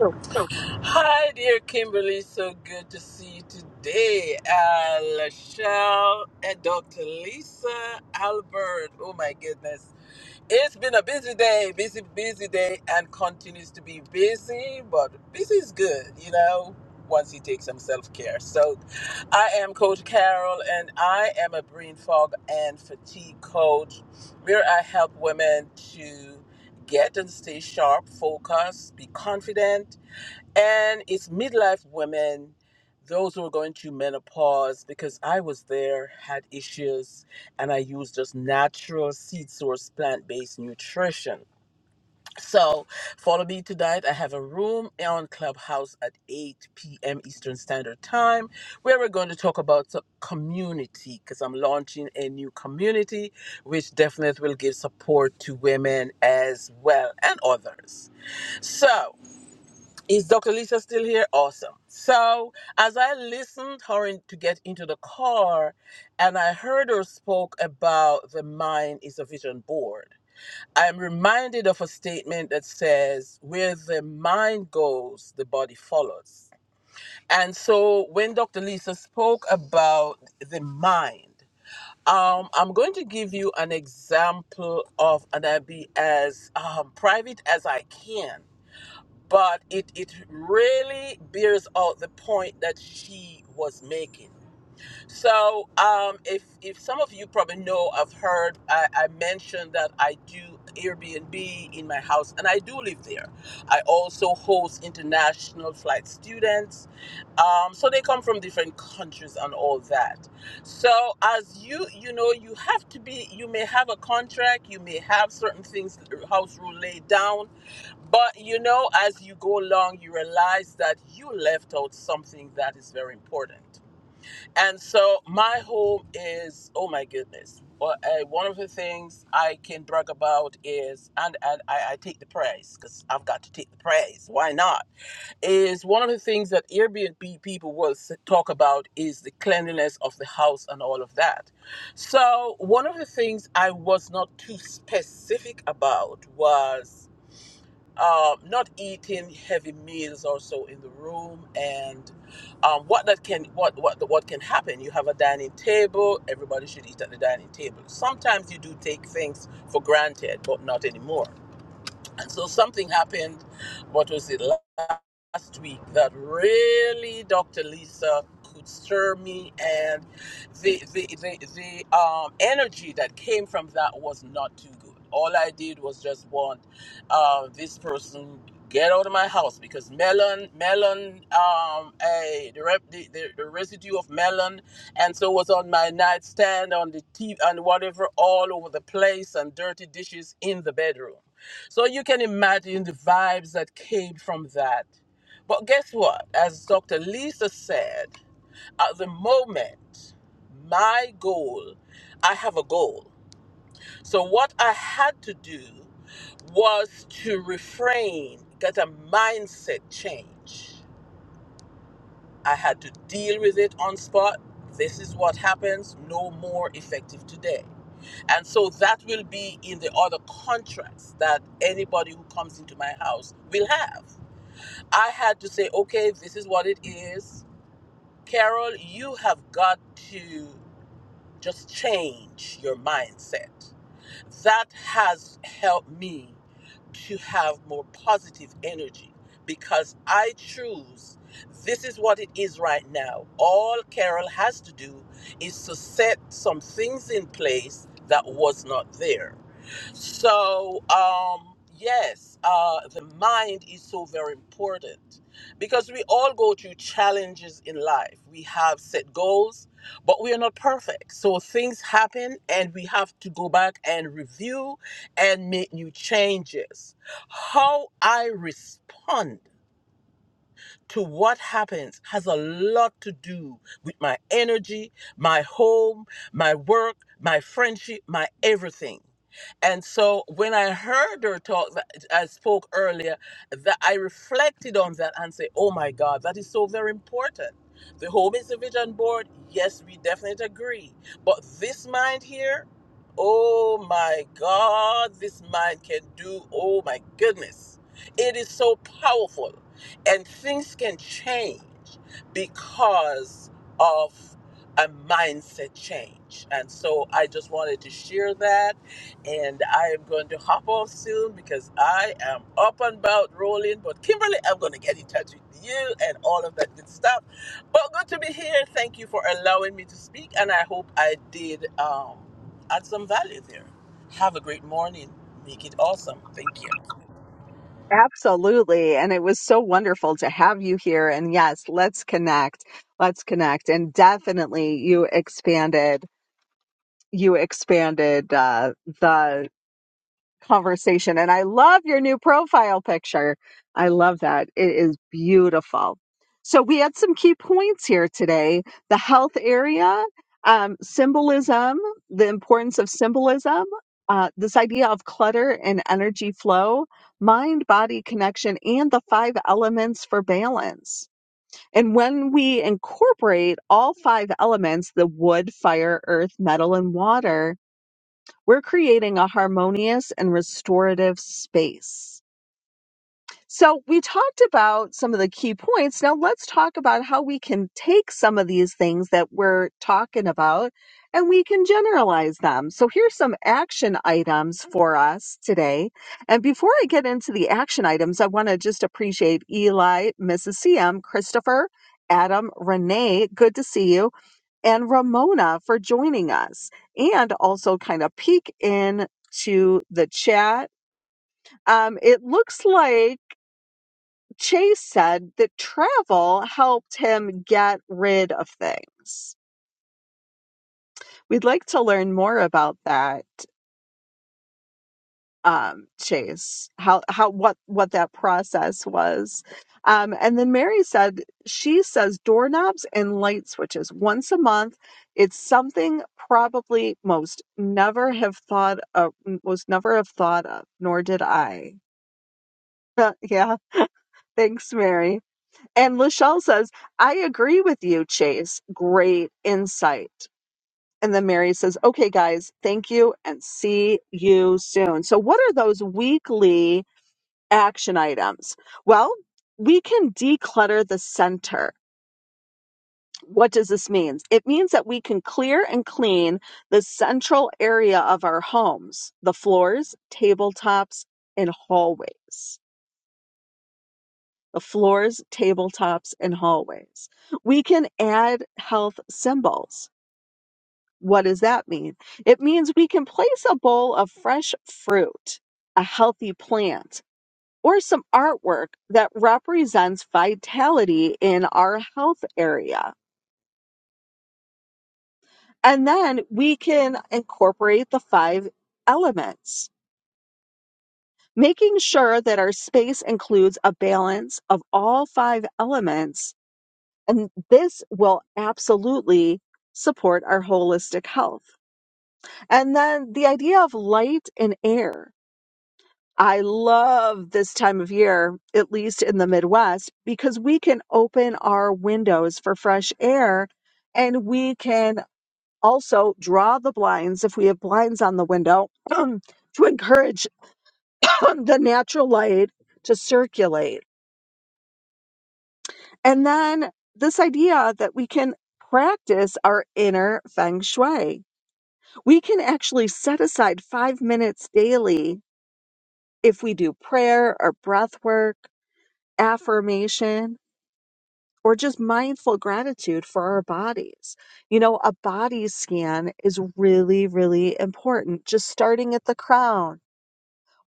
S1: sure.
S7: Hi, dear Kimberly. So good to see you today. Uh, Lachelle and Dr. Lisa Albert. Oh, my goodness. It's been a busy day, busy, busy day, and continues to be busy, but busy is good, you know, once you take some self care. So I am Coach Carol, and I am a brain fog and fatigue coach where I help women to get and stay sharp, focused, be confident and it's midlife women those who are going through menopause because i was there had issues and i used just natural seed source plant-based nutrition so follow me tonight i have a room on clubhouse at 8 p.m eastern standard time where we're going to talk about the community because i'm launching a new community which definitely will give support to women as well and others so is Dr. Lisa still here? Awesome. So, as I listened her in, to get into the car and I heard her spoke about the mind is a vision board, I'm reminded of a statement that says, Where the mind goes, the body follows. And so, when Dr. Lisa spoke about the mind, um, I'm going to give you an example of, and I'll be as um, private as I can but it, it really bears out the point that she was making. So, um, if, if some of you probably know, I've heard I, I mentioned that I do Airbnb in my house and I do live there. I also host international flight students. Um, so they come from different countries and all that. So, as you, you know, you have to be, you may have a contract, you may have certain things, house rule laid down but you know, as you go along, you realize that you left out something that is very important. And so, my home is oh my goodness. Well, uh, one of the things I can brag about is, and, and I, I take the prize because I've got to take the prize. Why not? Is one of the things that Airbnb people will s- talk about is the cleanliness of the house and all of that. So, one of the things I was not too specific about was um, not eating heavy meals also in the room and um, what that can what what what can happen you have a dining table everybody should eat at the dining table sometimes you do take things for granted but not anymore and so something happened, what was it, last week, that really Dr. Lisa could stir me. And the, the, the, the um, energy that came from that was not too good. All I did was just want uh, this person get out of my house because melon melon um a the, rep, the, the the residue of melon and so was on my nightstand on the TV and whatever all over the place and dirty dishes in the bedroom so you can imagine the vibes that came from that. But guess what? As Dr. Lisa said, at the moment, my goal, I have a goal. So what I had to do was to refrain, get a mindset change. I had to deal with it on spot. This is what happens, no more effective today. And so that will be in the other contracts that anybody who comes into my house will have. I had to say, okay, this is what it is. Carol, you have got to just change your mindset. That has helped me to have more positive energy because I choose this is what it is right now. All Carol has to do is to set some things in place that was not there. So, um, yes, uh, the mind is so very important because we all go through challenges in life. We have set goals, but we are not perfect. So things happen, and we have to go back and review and make new changes. How I respond to what happens has a lot to do with my energy, my home, my work, my friendship, my everything. And so when I heard her talk, that I spoke earlier, that I reflected on that and say, oh my God, that is so very important. The home is the vision board. Yes, we definitely agree. But this mind here, oh my God, this mind can do, oh my goodness. It is so powerful. And things can change because of a mindset change. And so I just wanted to share that. And I am going to hop off soon because I am up and about rolling. But Kimberly, I'm going to get in touch with you and all of that good stuff. But good to be here. Thank you for allowing me to speak. And I hope I did um, add some value there. Have a great morning. Make it awesome. Thank you.
S1: absolutely. And it was so wonderful to have you here. And yes, let's connect. Let's connect. And definitely you expanded you expanded uh, the conversation. And I love your new profile picture. I love that. It is beautiful. So we had some key points here today the health area, um, symbolism, the importance of symbolism. Uh, this idea of clutter and energy flow, mind body connection, and the five elements for balance. And when we incorporate all five elements the wood, fire, earth, metal, and water we're creating a harmonious and restorative space. So, we talked about some of the key points. Now, let's talk about how we can take some of these things that we're talking about and we can generalize them. So, here's some action items for us today. And before I get into the action items, I want to just appreciate Eli, Mrs. CM, Christopher, Adam, Renee. Good to see you and Ramona for joining us and also kind of peek into the chat. Um, it looks like Chase said that travel helped him get rid of things. We'd like to learn more about that. um, Chase, how how what what that process was. Um, and then Mary said she says doorknobs and light switches once a month. It's something probably most never have thought of, most never have thought of, nor did I. yeah, thanks, Mary. And Lachelle says I agree with you, Chase. Great insight. And then Mary says, "Okay, guys, thank you, and see you soon." So, what are those weekly? action items? Well, we can declutter the center. What does this mean? It means that we can clear and clean the central area of our homes, the floors, tabletops, and hallways. The floors, tabletops, and hallways. We can add health symbols. What does that mean? It means we can place a bowl of fresh fruit, a healthy plant, or some artwork that represents vitality in our health area. And then we can incorporate the five elements, making sure that our space includes a balance of all five elements. And this will absolutely support our holistic health. And then the idea of light and air. I love this time of year, at least in the Midwest, because we can open our windows for fresh air and we can also draw the blinds if we have blinds on the window to encourage the natural light to circulate. And then this idea that we can practice our inner feng shui. We can actually set aside five minutes daily if we do prayer or breath work, affirmation or just mindful gratitude for our bodies. You know, a body scan is really, really important, just starting at the crown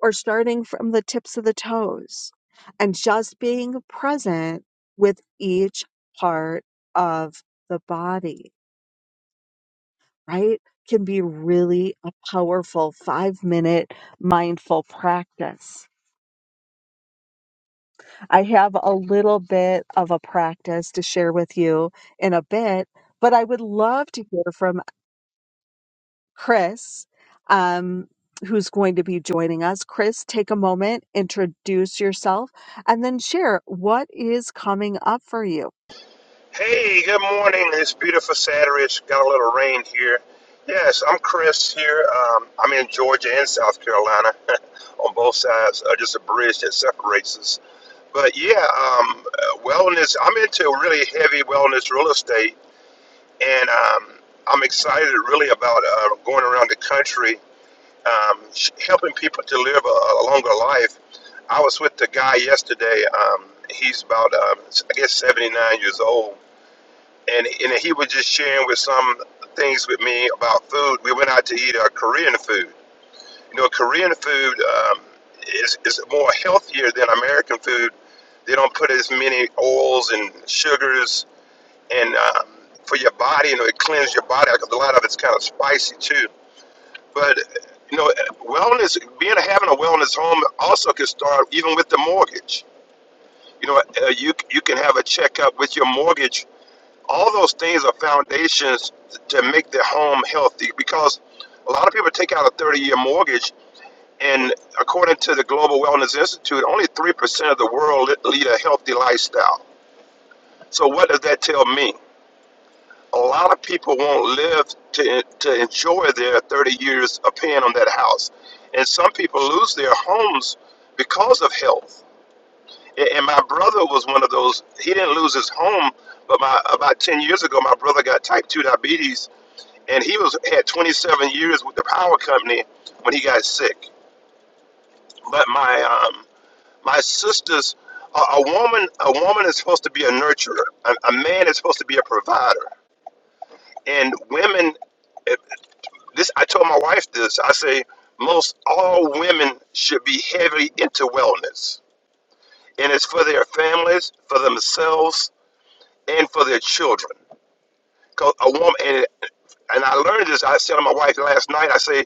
S1: or starting from the tips of the toes and just being present with each part of the body, right? Can be really a powerful five minute mindful practice. I have a little bit of a practice to share with you in a bit, but I would love to hear from Chris, um, who's going to be joining us. Chris, take a moment, introduce yourself, and then share what is coming up for you.
S8: Hey, good morning. It's beautiful Saturday. It's got a little rain here. Yes, I'm Chris here. Um, I'm in Georgia and South Carolina on both sides, uh, just a bridge that separates us. But yeah, um, uh, wellness, I'm into really heavy wellness real estate, and um, I'm excited really about uh, going around the country, um, sh- helping people to live a, a longer life. I was with the guy yesterday. Um, he's about, um, I guess, 79 years old and and he was just sharing with some things with me about food. We went out to eat uh, Korean food. You know, Korean food um, is is more healthier than American food. They don't put as many oils and sugars and um, for your body. You know, it cleans your body. Cause a lot of it's kind of spicy too. But you know, wellness, being having a wellness home also can start even with the mortgage. You know, uh, you you can have a checkup with your mortgage all those things are foundations to make their home healthy because a lot of people take out a 30 year mortgage and according to the global wellness institute only 3% of the world li- lead a healthy lifestyle so what does that tell me a lot of people won't live to, to enjoy their 30 years of paying on that house and some people lose their homes because of health A- and my brother was one of those he didn't lose his home but my about 10 years ago my brother got type 2 diabetes and he was had 27 years with the power company when he got sick. But my um, my sister's a, a woman a woman is supposed to be a nurturer. A, a man is supposed to be a provider. And women, if this I told my wife this. I say most all women should be heavy into wellness, and it's for their families, for themselves, and for their children. Cause a woman and and I learned this. I said to my wife last night. I say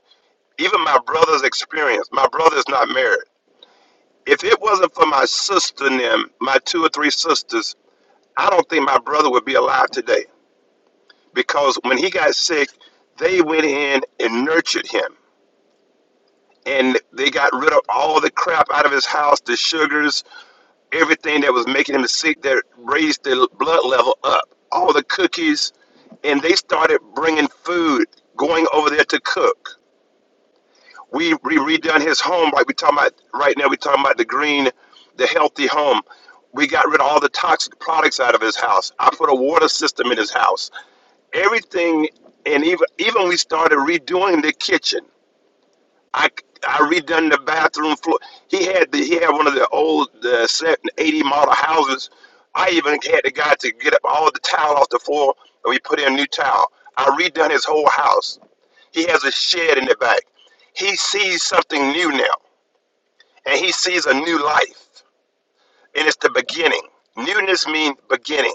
S8: Even my brother's experience, my brother is not married. If it wasn't for my sister and them, my two or three sisters, I don't think my brother would be alive today. Because when he got sick, they went in and nurtured him. And they got rid of all the crap out of his house, the sugars, everything that was making him sick that raised the blood level up, all the cookies. And they started bringing food, going over there to cook. we we redone his home right we talking about right now we talking about the green the healthy home we got rid of all the toxic products out of his house i put a water system in his house everything and even even we started redoing the kitchen i i redone the bathroom floor he had the he had one of the old the 80 model houses i even had the guy to get up all the tile off the floor and we put in new tile i redone his whole house he has a shed in the back he sees something new now and he sees a new life. And it's the beginning. Newness means beginning.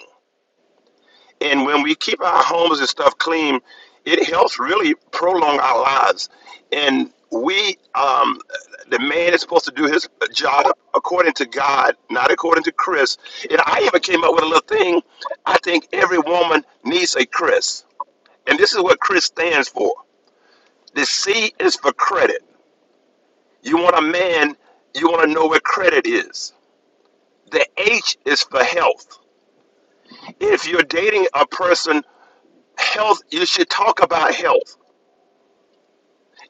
S8: And when we keep our homes and stuff clean, it helps really prolong our lives. And we, um, the man is supposed to do his job according to God, not according to Chris. And I even came up with a little thing. I think every woman needs a Chris. And this is what Chris stands for. The C is for credit. You want a man, you want to know where credit is. The H is for health. If you're dating a person, health, you should talk about health.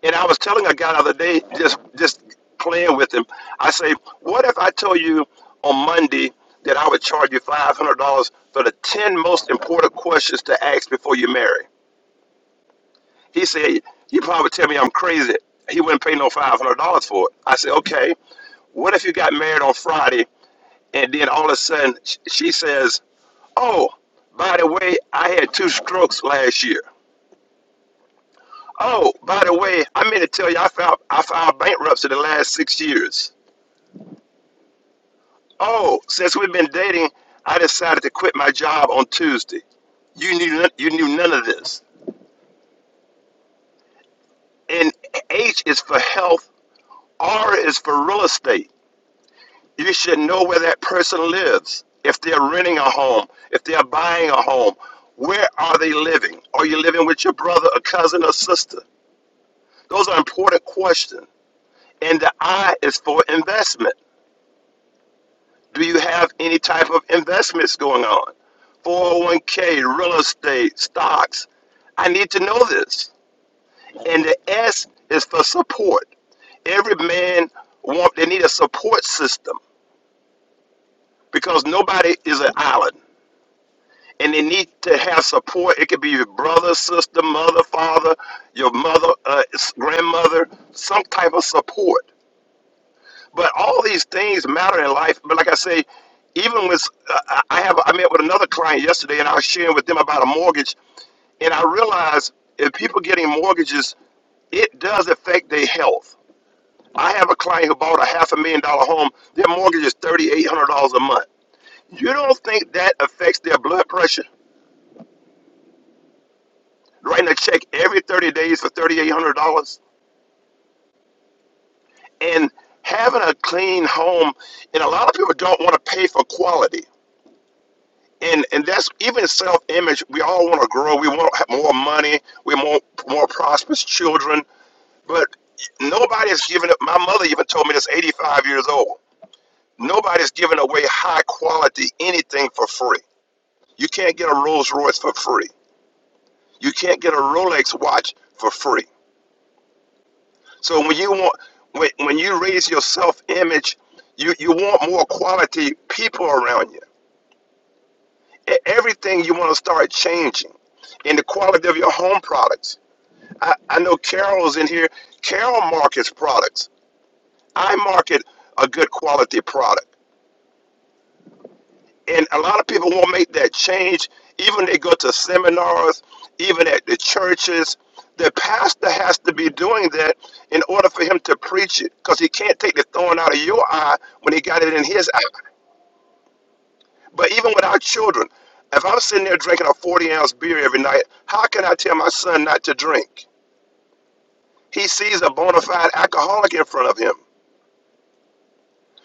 S8: And I was telling a guy the other day, just just playing with him, I say, what if I told you on Monday that I would charge you five hundred dollars for the ten most important questions to ask before you marry? He said, You probably tell me I'm crazy. He wouldn't pay no five hundred dollars for it. I said, Okay. What if you got married on Friday and then all of a sudden she says, Oh, by the way, I had two strokes last year. Oh, by the way, I meant to tell you I filed I filed bankruptcy the last six years. Oh, since we've been dating, I decided to quit my job on Tuesday. You knew none- you knew none of this. And H is for health, R is for real estate. You should know where that person lives. If they're renting a home, if they're buying a home, where are they living? Are you living with your brother, a cousin, or sister? Those are important questions. And the I is for investment. Do you have any type of investments going on? 401k, real estate, stocks. I need to know this. And the S is for support. Every man want they need a support system because nobody is an island. And they need to have support. It could be your brother, sister, mother, father, your mother, uh, grandmother, some type of support. But all these things matter in life. But like I say, even with uh, I I have I met with another client yesterday, and I was sharing with them about a mortgage, and I realized if people getting mortgages, it does affect their health. I have a client who bought a half a million dollar home. Their mortgage is thirty eight hundred dollars a month. You don't think that affects their blood pressure? Writing a check every thirty days for thirty eight hundred dollars and having a clean home, and a lot of people don't want to pay for quality. and and that's even self image. We all want to grow. We want to have more money. We want more prosperous children. But nobody is giving up. My mother even told me this. Eighty five years old. Nobody's giving away high quality anything for free. You can't get a Rolls Royce for free. You can't get a Rolex watch for free. So when you want when, when you raise your self image, you, you want more quality people around you. E- Everything you want to start changing in the quality of your home products. I, I know Carol's in here. Carol markets products. I market a good quality product. And a lot of people won't make that change. Even they go to seminars, even at the churches. The pastor has to be doing that in order for him to preach it because he can't take the thorn out of your eye when he got it in his eye. But even with our children, if I'm sitting there drinking a 40 ounce beer every night, how can I tell my son not to drink? He sees a bona fide alcoholic in front of him.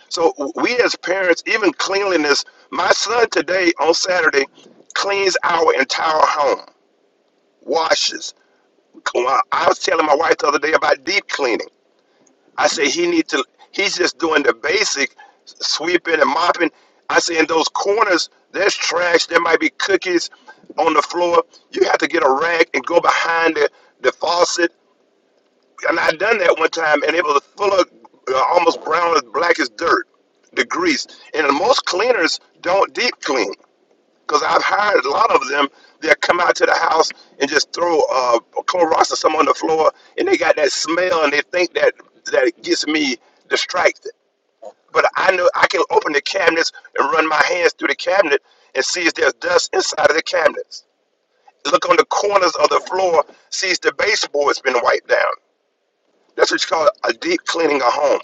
S8: So we as parents, even cleanliness, my son today on Saturday cleans our entire home, washes. Well, I was telling my wife the other day about deep cleaning. I said he needs to. He's just doing the basic sweeping and mopping. I say in those corners, there's trash. There might be cookies on the floor. You have to get a rag and go behind the, the faucet and I done that one time, and it was full of uh, almost brown as black as dirt, the grease. And most cleaners don't deep clean because I've hired a lot of them. They'll come out to the house and just throw uh, Clorox or something on the floor, and they got that smell, and they think that that it gets me distracted. But I know I can open the cabinets and run my hands through the cabinet and see if there's dust inside of the cabinets. Look on the corners of the floor, see if the baseboard's been wiped down. That's what you call a deep cleaning a home.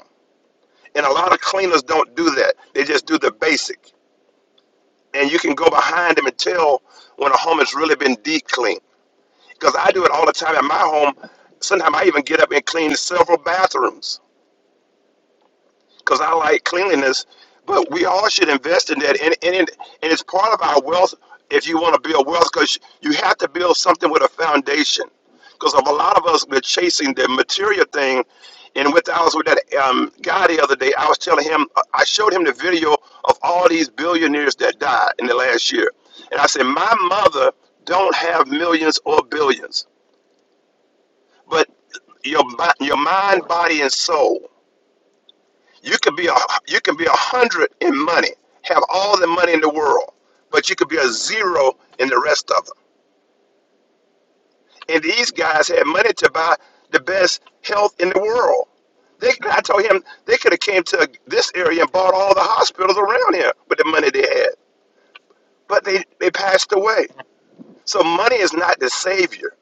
S8: And a lot of cleaners don't do that. They just do the basic. And you can go behind them and tell when a home has really been deep cleaned. Because I do it all the time at my home. Sometimes I even get up and clean several bathrooms. because I like cleanliness. But we all should invest in that, and and, and it's part of our wealth. If you want to build wealth, because you have to build something with a foundation. Because of a lot of us, we're chasing the material thing. And with I was with that um, guy the other day, I was telling him, I showed him the video of all these billionaires that died in the last year, and I said, my mother don't have millions or billions, but your your mind, body, and soul. You could be a you can be a hundred in money, have all the money in the world, but you could be a zero in the rest of them. And these guys had money to buy the best health in the world. They, I told him they could have came to this area and bought all the hospitals around here with the money they had, but they they passed away. So money is not the savior.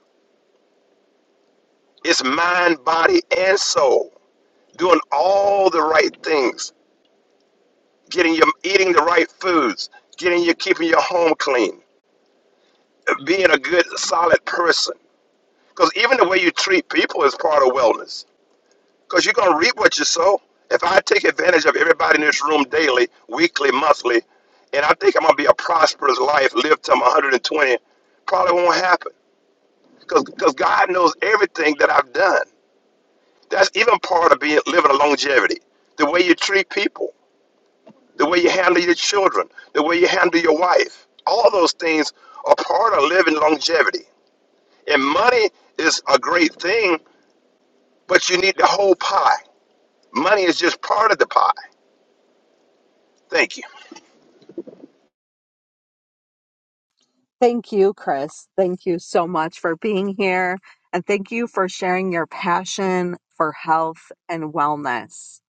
S8: It's mind, body, and soul. Doing all the right things, getting your eating the right foods, getting you keeping your home clean being a good, solid person. Because even the way you treat people is part of wellness. Because you're going to reap what you sow. If I take advantage of everybody in this room daily, weekly, monthly, and I think I'm going to be a prosperous life, live till I'm 120, probably won't happen. Because God knows everything that I've done. That's even part of being living a longevity. The way you treat people, the way you handle your children, the way you handle your wife, all those things are part of living longevity. And money is a great thing, but you need the whole pie. Money is just part of the pie. Thank you.
S1: Thank you, Chris. Thank you so much for being here. And thank you for sharing your passion for health and wellness.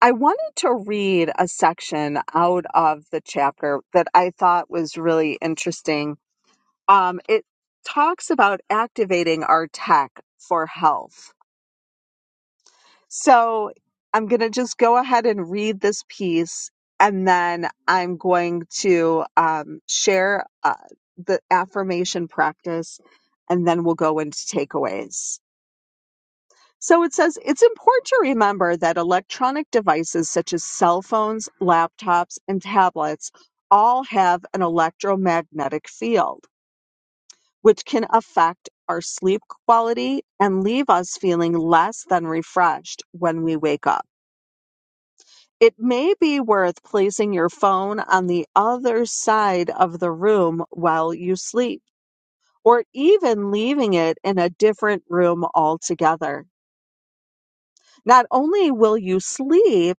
S1: I wanted to read a section out of the chapter that I thought was really interesting. Um, it talks about activating our tech for health So I'm going to just go ahead and read this piece, and then I'm going to um, share uh, the affirmation practice, and then we'll go into takeaways. So it says it's important to remember that electronic devices such as cell phones, laptops, and tablets all have an electromagnetic field, which can affect our sleep quality and leave us feeling less than refreshed when we wake up. It may be worth placing your phone on the other side of the room while you sleep, or even leaving it in a different room altogether. Not only will you sleep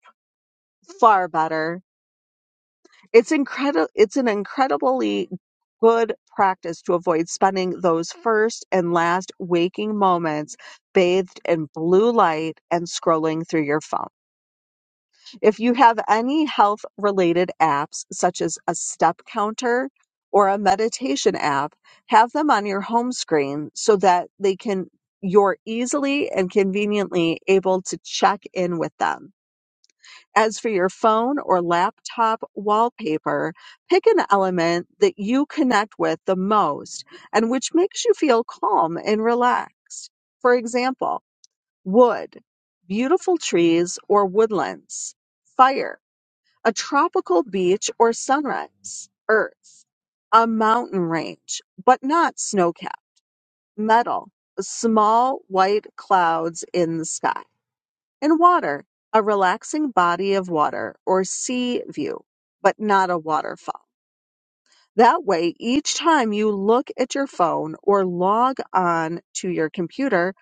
S1: far better, it's incredible it's an incredibly good practice to avoid spending those first and last waking moments bathed in blue light and scrolling through your phone. If you have any health related apps, such as a step counter or a meditation app, have them on your home screen so that they can you're easily and conveniently able to check in with them. As for your phone or laptop wallpaper, pick an element that you connect with the most and which makes you feel calm and relaxed. For example, wood, beautiful trees or woodlands, fire a tropical beach or sunrise, earth, a mountain range, but not snow cap, metal, small white clouds in the sky, and water, a relaxing body of water or sea view, but not a waterfall. That way, each time you look at your phone or log on to your computer,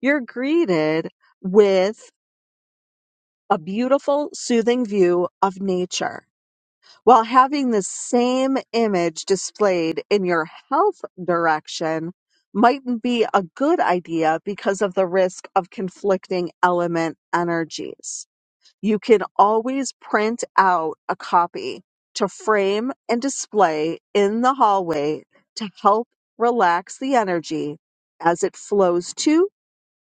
S1: you're greeted with a beautiful, soothing view of nature While having the same image displayed in your health direction mightn't be a good idea because of the risk of conflicting element energies. You can always print out a copy to frame and display in the hallway to help relax the energy as it flows to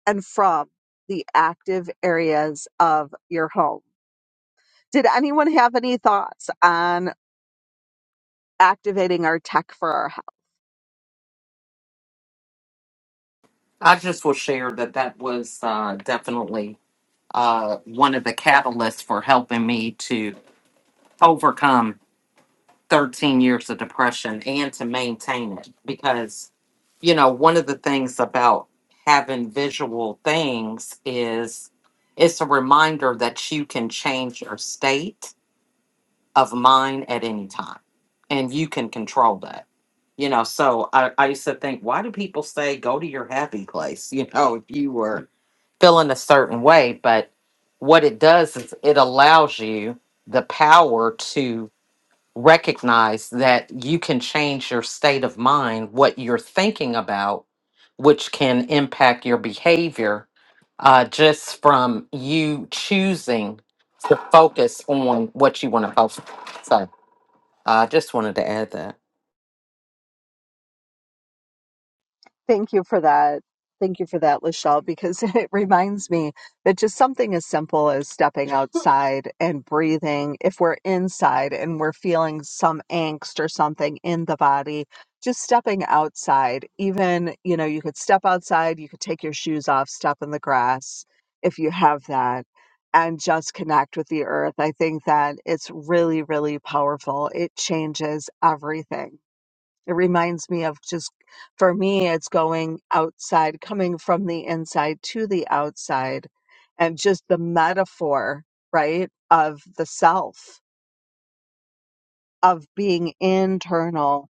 S1: and from the active areas of your home. Did anyone have any thoughts on activating our tech for our health.
S2: I just will share that that was uh, definitely uh, one of the catalysts for helping me to overcome 13 years of depression and to maintain it because you know one of the things about having visual things is it's a reminder that you can change your state of mind at any time and you can control that you know so i, I used to think why do people say go to your happy place you know if you were feeling a certain way but what it does is it allows you the power to recognize that you can change your state of mind, what you're thinking about, which can impact your behavior uh, just from you choosing to focus on what you want to focus. So I just wanted to add that.
S1: Thank you for that. Thank you for that, Lachelle, because it reminds me that just something as simple as stepping outside and breathing, if we're inside and we're feeling some angst or something in the body, just stepping outside, even, you know, you could step outside, you could take your shoes off, step in the grass if you have that, and just connect with the earth. I think that it's really, really powerful. It changes everything It reminds me of just, for me, it's going outside, coming from the inside to the outside, and just the metaphor, right, of the self, of being internal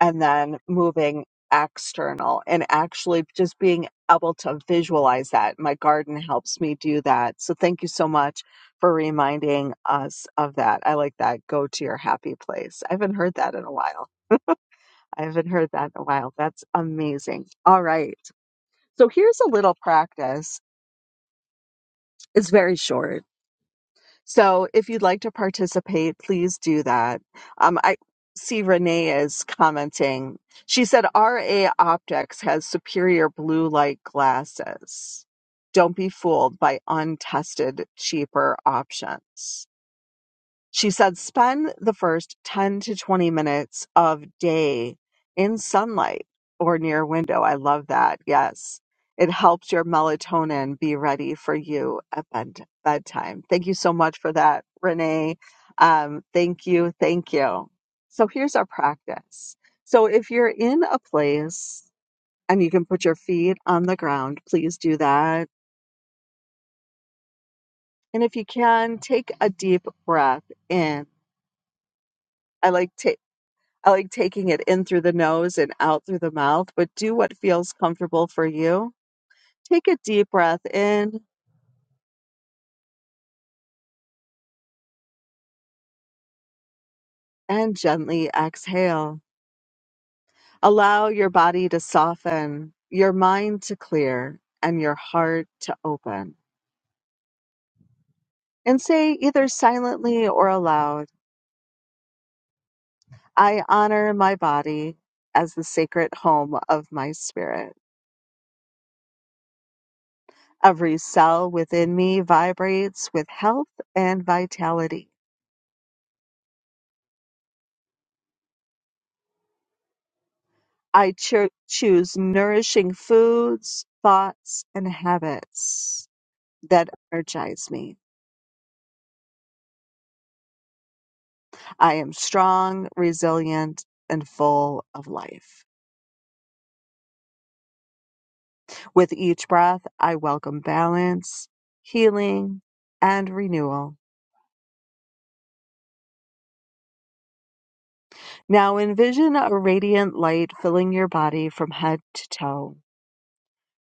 S1: and then moving external, and actually just being able to visualize that. My garden helps me do that. So thank you so much for reminding us of that. I like that. Go to your happy place. I haven't heard that in a while. I haven't heard that in a while. That's amazing. All right. So here's a little practice. It's very short. So if you'd like to participate, please do that. Um, I see Renee is commenting. She said RA Optics has superior blue light glasses. Don't be fooled by untested, cheaper options. She said, spend the first 10 to 20 minutes of day in sunlight or near window. I love that. Yes. It helps your melatonin be ready for you at bed- bedtime. Thank you so much for that, Renee. Um, thank you. Thank you. So here's our practice. So if you're in a place and you can put your feet on the ground, please do that. And if you can, take a deep breath in. I like to I like taking it in through the nose and out through the mouth, but do what feels comfortable for you. Take a deep breath in and gently exhale. Allow your body to soften, your mind to clear, and your heart to open. And say either silently or aloud, I honor my body as the sacred home of my spirit. Every cell within me vibrates with health and vitality. I cho- choose nourishing foods, thoughts, and habits that energize me. I am strong, resilient, and full of life. With each breath, I welcome balance, healing, and renewal. Now envision a radiant light filling your body from head to toe,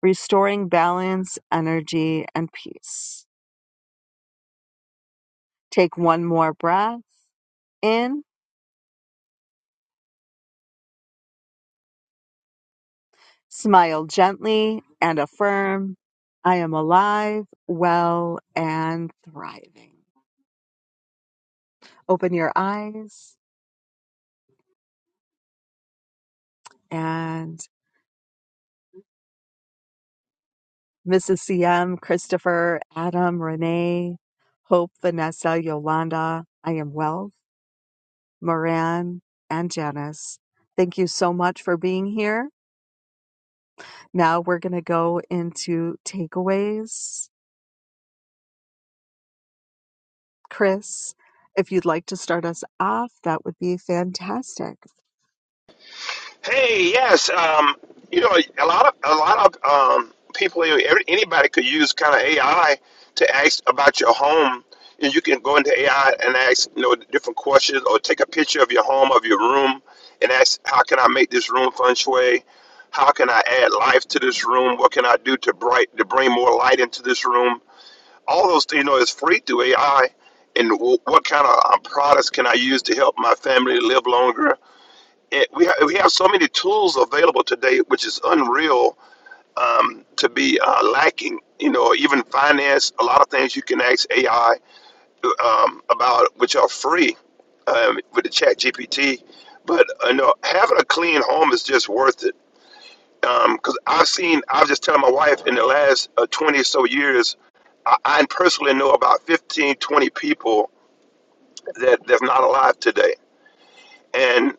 S1: restoring balance, energy, and peace. Take one more breath in Smile gently and affirm, I am alive, well, and thriving. Open your eyes and Mrs. CM, Christopher, Adam, Renee, Hope, Vanessa, Yolanda, I am Wealth, Moran, and Janice. Thank you so much for being here. Now we're going to go into takeaways. Chris, if you'd like to start us off, that would be fantastic.
S8: Hey, yes, um, you know, a lot of a lot of um, people, every- anybody could use kind of AI to ask about your home. And you can go into AI and ask, you know, different questions, or take a picture of your home, of your room, and ask, how can I make this room feng shui? How can I add life to this room? What can I do to bright to bring more light into this room? all those you know is free through AI. And w- what kind of uh, products can I use to help my family live longer? It, we ha- we have so many tools available today, which is unreal um, to be uh, lacking. You know, even finance, a lot of things you can ask AI um, about, which are free um, with the Chat GPT. But you know, having a clean home is just worth it because I've seen, I was just telling my wife in the last uh, 20 or so years, I, I personally know about 15, 20 people that that's not alive today. And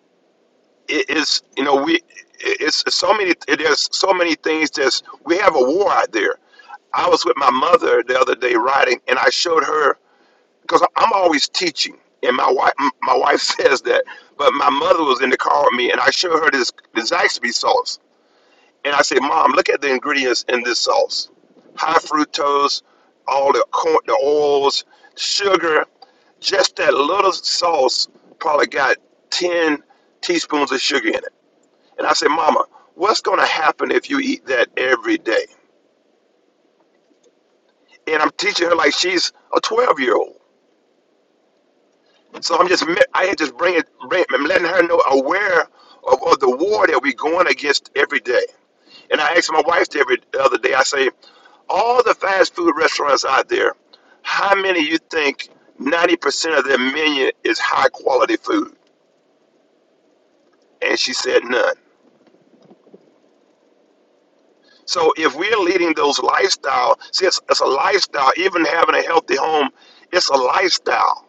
S8: it is, you know, we, it's it's so many, it, there's so many things that's, we have a war out there. I was with my mother the other day riding and I showed her, because I'm always teaching. And my wife, my wife says that, but my mother was in the car with me, and I showed her this, this Zaxby sauce, And I said, Mom, look at the ingredients in this sauce high fructose, all the corn, the oils, sugar. Just that little sauce probably got 10 teaspoons of sugar in it. And I said, Mama, what's going to happen if you eat that every day? And I'm teaching her like she's a 12 year old. So I'm just, I had just bringing, bring, letting her know aware of, of the war that we're going against every day. And I asked my wife the every the other day, I say, all the fast food restaurants out there, how many you think 90% of their menu is high quality food? And she said none. So if we're leading those lifestyle, see, it's, it's a lifestyle, even having a healthy home, it's a lifestyle.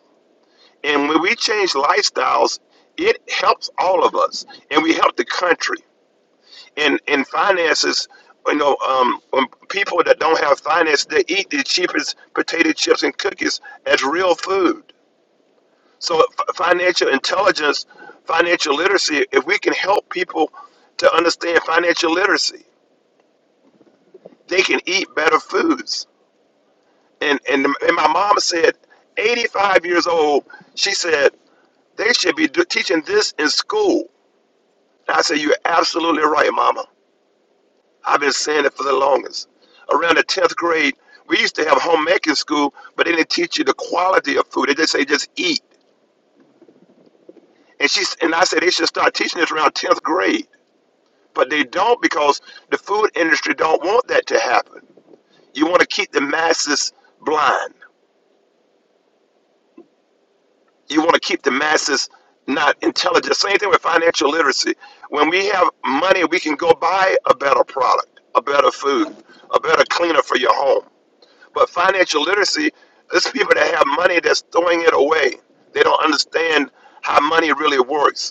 S8: And when we change lifestyles, it helps all of us and we help the country. in in finances, you know, um, when people that don't have finance, they eat the cheapest potato chips and cookies as real food. So f- financial intelligence, financial literacy. If we can help people to understand financial literacy, they can eat better foods. And and, and my mom said, 85 years old, she said they should be do- teaching this in school. And I said, you're absolutely right, Mama. I've been saying it for the longest. Around the 10th grade, we used to have homemaking school, but they didn't teach you the quality of food. They just say just eat. And she and I said they should start teaching this around 10th grade, but they don't because the food industry don't want that to happen. You want to keep the masses blind. You want to keep the masses not intelligent. Same thing with financial literacy. When we have money, we can go buy a better product, a better food, a better cleaner for your home. But financial literacy, it's people that have money that's throwing it away. They don't understand how money really works.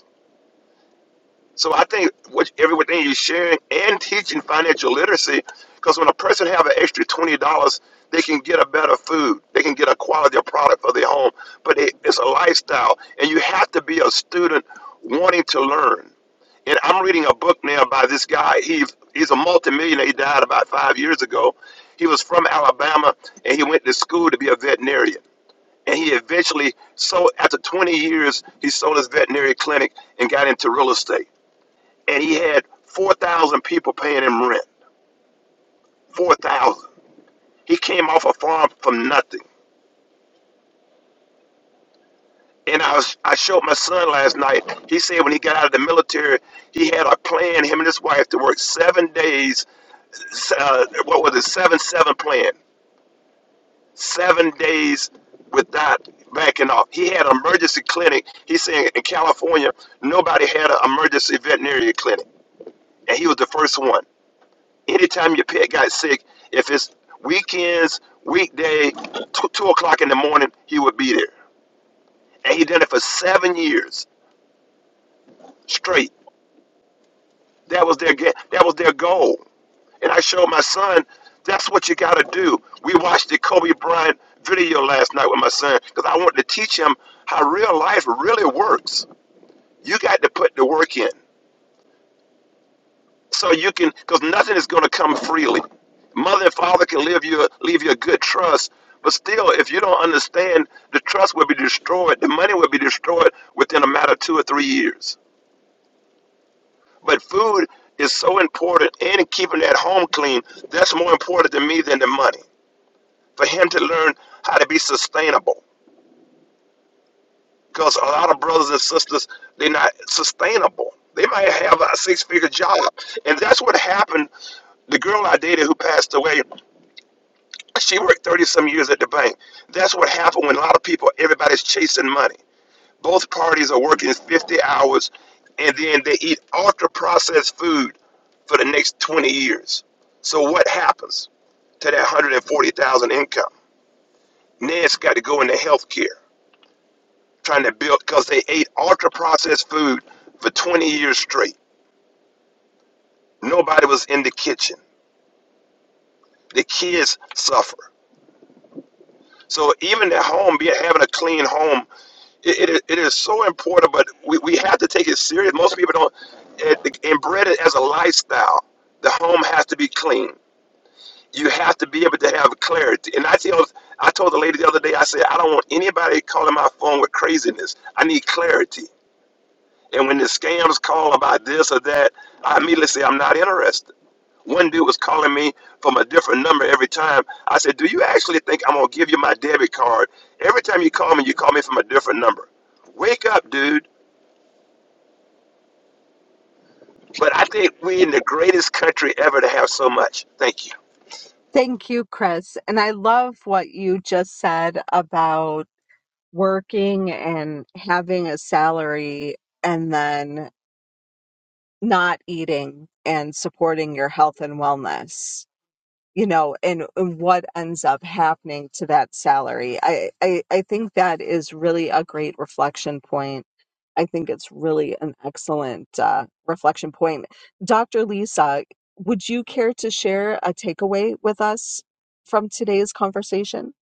S8: So I think what everything you're sharing and teaching financial literacy, because when a person have an extra twenty dollars, they can get a better food, they can get a quality of product for their home. But it, it's a lifestyle, and you have to be a student wanting to learn. And I'm reading a book now by this guy. He he's a multimillionaire. He died about five years ago. He was from Alabama, and he went to school to be a veterinarian. And he eventually sold after 20 years. He sold his veterinary clinic and got into real estate and he had 4,000 people paying him rent. 4,000. He came off a farm from nothing. And I, was, I showed my son last night. He said when he got out of the military, he had a plan, him and his wife, to work seven days. Uh, what was it? 7 7 plan. Seven days without backing off. He had an emergency clinic. He said in California, nobody had an emergency veterinary clinic. And he was the first one. Anytime your pet got sick, if it's weekends, weekday, two, two o'clock in the morning, he would be there. And he done it for seven years straight. That was their ga- that was their goal. And I showed my son, that's what you gotta do. We watched the Kobe Bryant video last night with my son because I wanted to teach him how real life really works. You got to put the work in. so you can because nothing is going to come freely mother and father can leave you leave you a good trust but still if you don't understand the trust will be destroyed the money will be destroyed within a matter of two or three years but food is so important and keeping that home clean that's more important to me than the money for him to learn how to be sustainable because a lot of brothers and sisters they're not sustainable they might have a six-figure job and that's what happened the girl I dated who passed away, She worked 30 some years at the bank. That's what happened when a lot of people, everybody's chasing money. Both parties are working 50 hours and then they eat ultra processed food for the next 20 years. So what happens to that 140,000 income? Ned's got to go into healthcare, trying to build because they ate ultra processed food for 20 years straight. Nobody was in the kitchen. The kids suffer. So even at home, be having a clean home it, it, it is so important, but we, we have to take it serious. Most people don't it, embed it as a lifestyle. The home has to be clean. You have to be able to have clarity. And I tell I told the lady the other day, I said, I don't want anybody calling my phone with craziness. I need clarity. And when the scams call about this or that, I immediately say I'm not interested one dude was calling me from a different number every time. I said, Do you actually think I'm going to give you my debit card? Every time you call me, you call me from a different number. Wake up, dude. But I think we are in the greatest country ever to have so much. Thank you.
S1: Thank you, Chris. And I love what you just said about working and having a salary and then not eating and supporting your health and wellness you know, and, and what ends up happening to that salary. I, I, I think that is really a great reflection point. I think it's really an excellent uh, reflection point. Dr. Lisa, would you care to share a takeaway with us from today's conversation?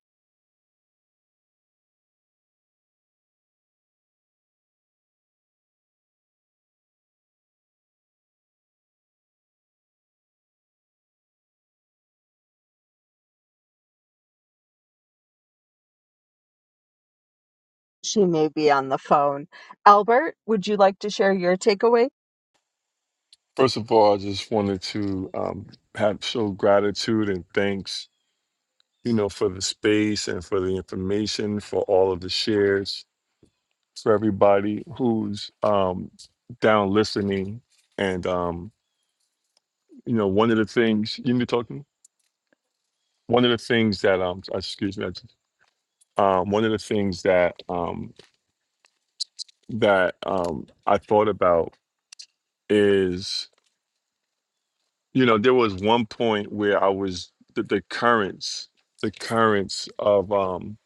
S1: She may be on the phone. Albert, would you like to share your takeaway?
S6: First of all, I just wanted to um, have show gratitude and thanks you know, for the space and for the information, for all of the shares, for everybody who's um, down listening. And, um, you know, one of the things, you need to talk to me. one of the things that, um, excuse me, I just- um, one of the things that, um, that um, I thought about is, you know, there was one point where I was, the, the currents, the currents of, um,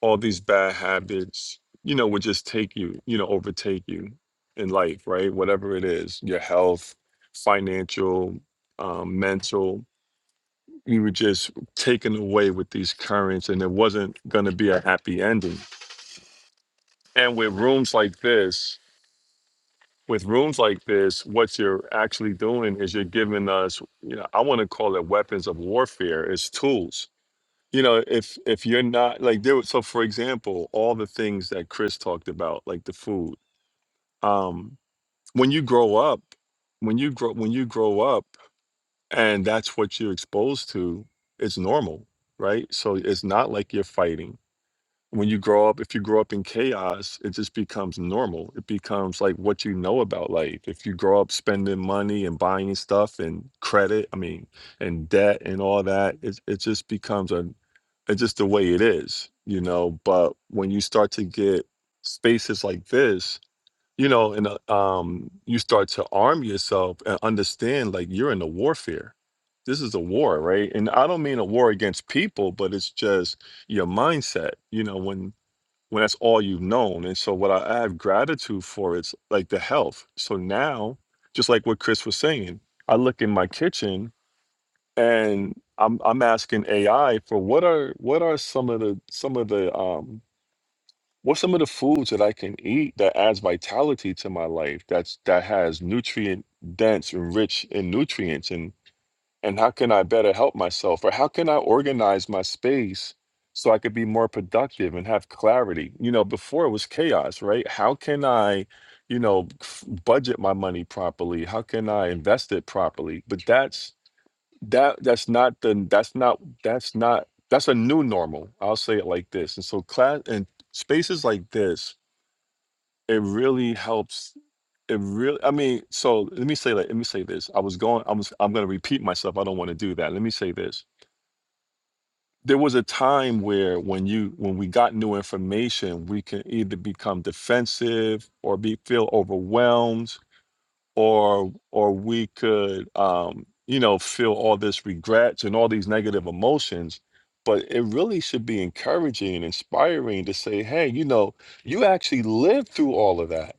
S6: all these bad habits, you know, would just take you, you know, overtake you in life, right? Whatever it is, your health, financial, um, mental, you were just taken away with these currents and it wasn't going to be a happy ending. And with rooms like this, with rooms like this, what you're actually doing is you're giving us, you know, I want to call it weapons of warfare, it's tools you know if if you're not like there was- so for example all the things that chris talked about like the food um when you grow up when you grow when you grow up and that's what you're exposed to it's normal right so it's not like you're fighting when you grow up, if you grow up in chaos, it just becomes normal. It becomes like what you know about life. If you grow up spending money and buying stuff and credit, I mean, and debt and all that, it, it just becomes a, it's just the way it is, you know. But when you start to get spaces like this, you know and uh, um you start to arm yourself and understand like you're in a warfare this is a war right and i don't mean a war against people but it's just your mindset you know when when that's all you've known and so what i, I have gratitude for is like the health so now just like what chris was saying i look in my kitchen and i'm i'm asking ai for what are what are some of the some of the um What's some of the foods that I can eat that adds vitality to my life? That's that has nutrient dense and rich in nutrients and and how can I better help myself or how can I organize my space so I could be more productive and have clarity? You know, before it was chaos, right? How can I, you know, f- budget my money properly? How can I invest it properly? But that's that that's not the that's not that's not that's a new normal. I'll say it like this. And so class and spaces like this it really helps it really i mean so let me say that let me say this i was going i was i'm going to repeat myself i don't want to do that let me say this there was a time where when you when we got new information we can either become defensive or be feel overwhelmed or or we could um you know feel all this regrets and all these negative emotions but it really should be encouraging and inspiring to say hey you know you actually lived through all of that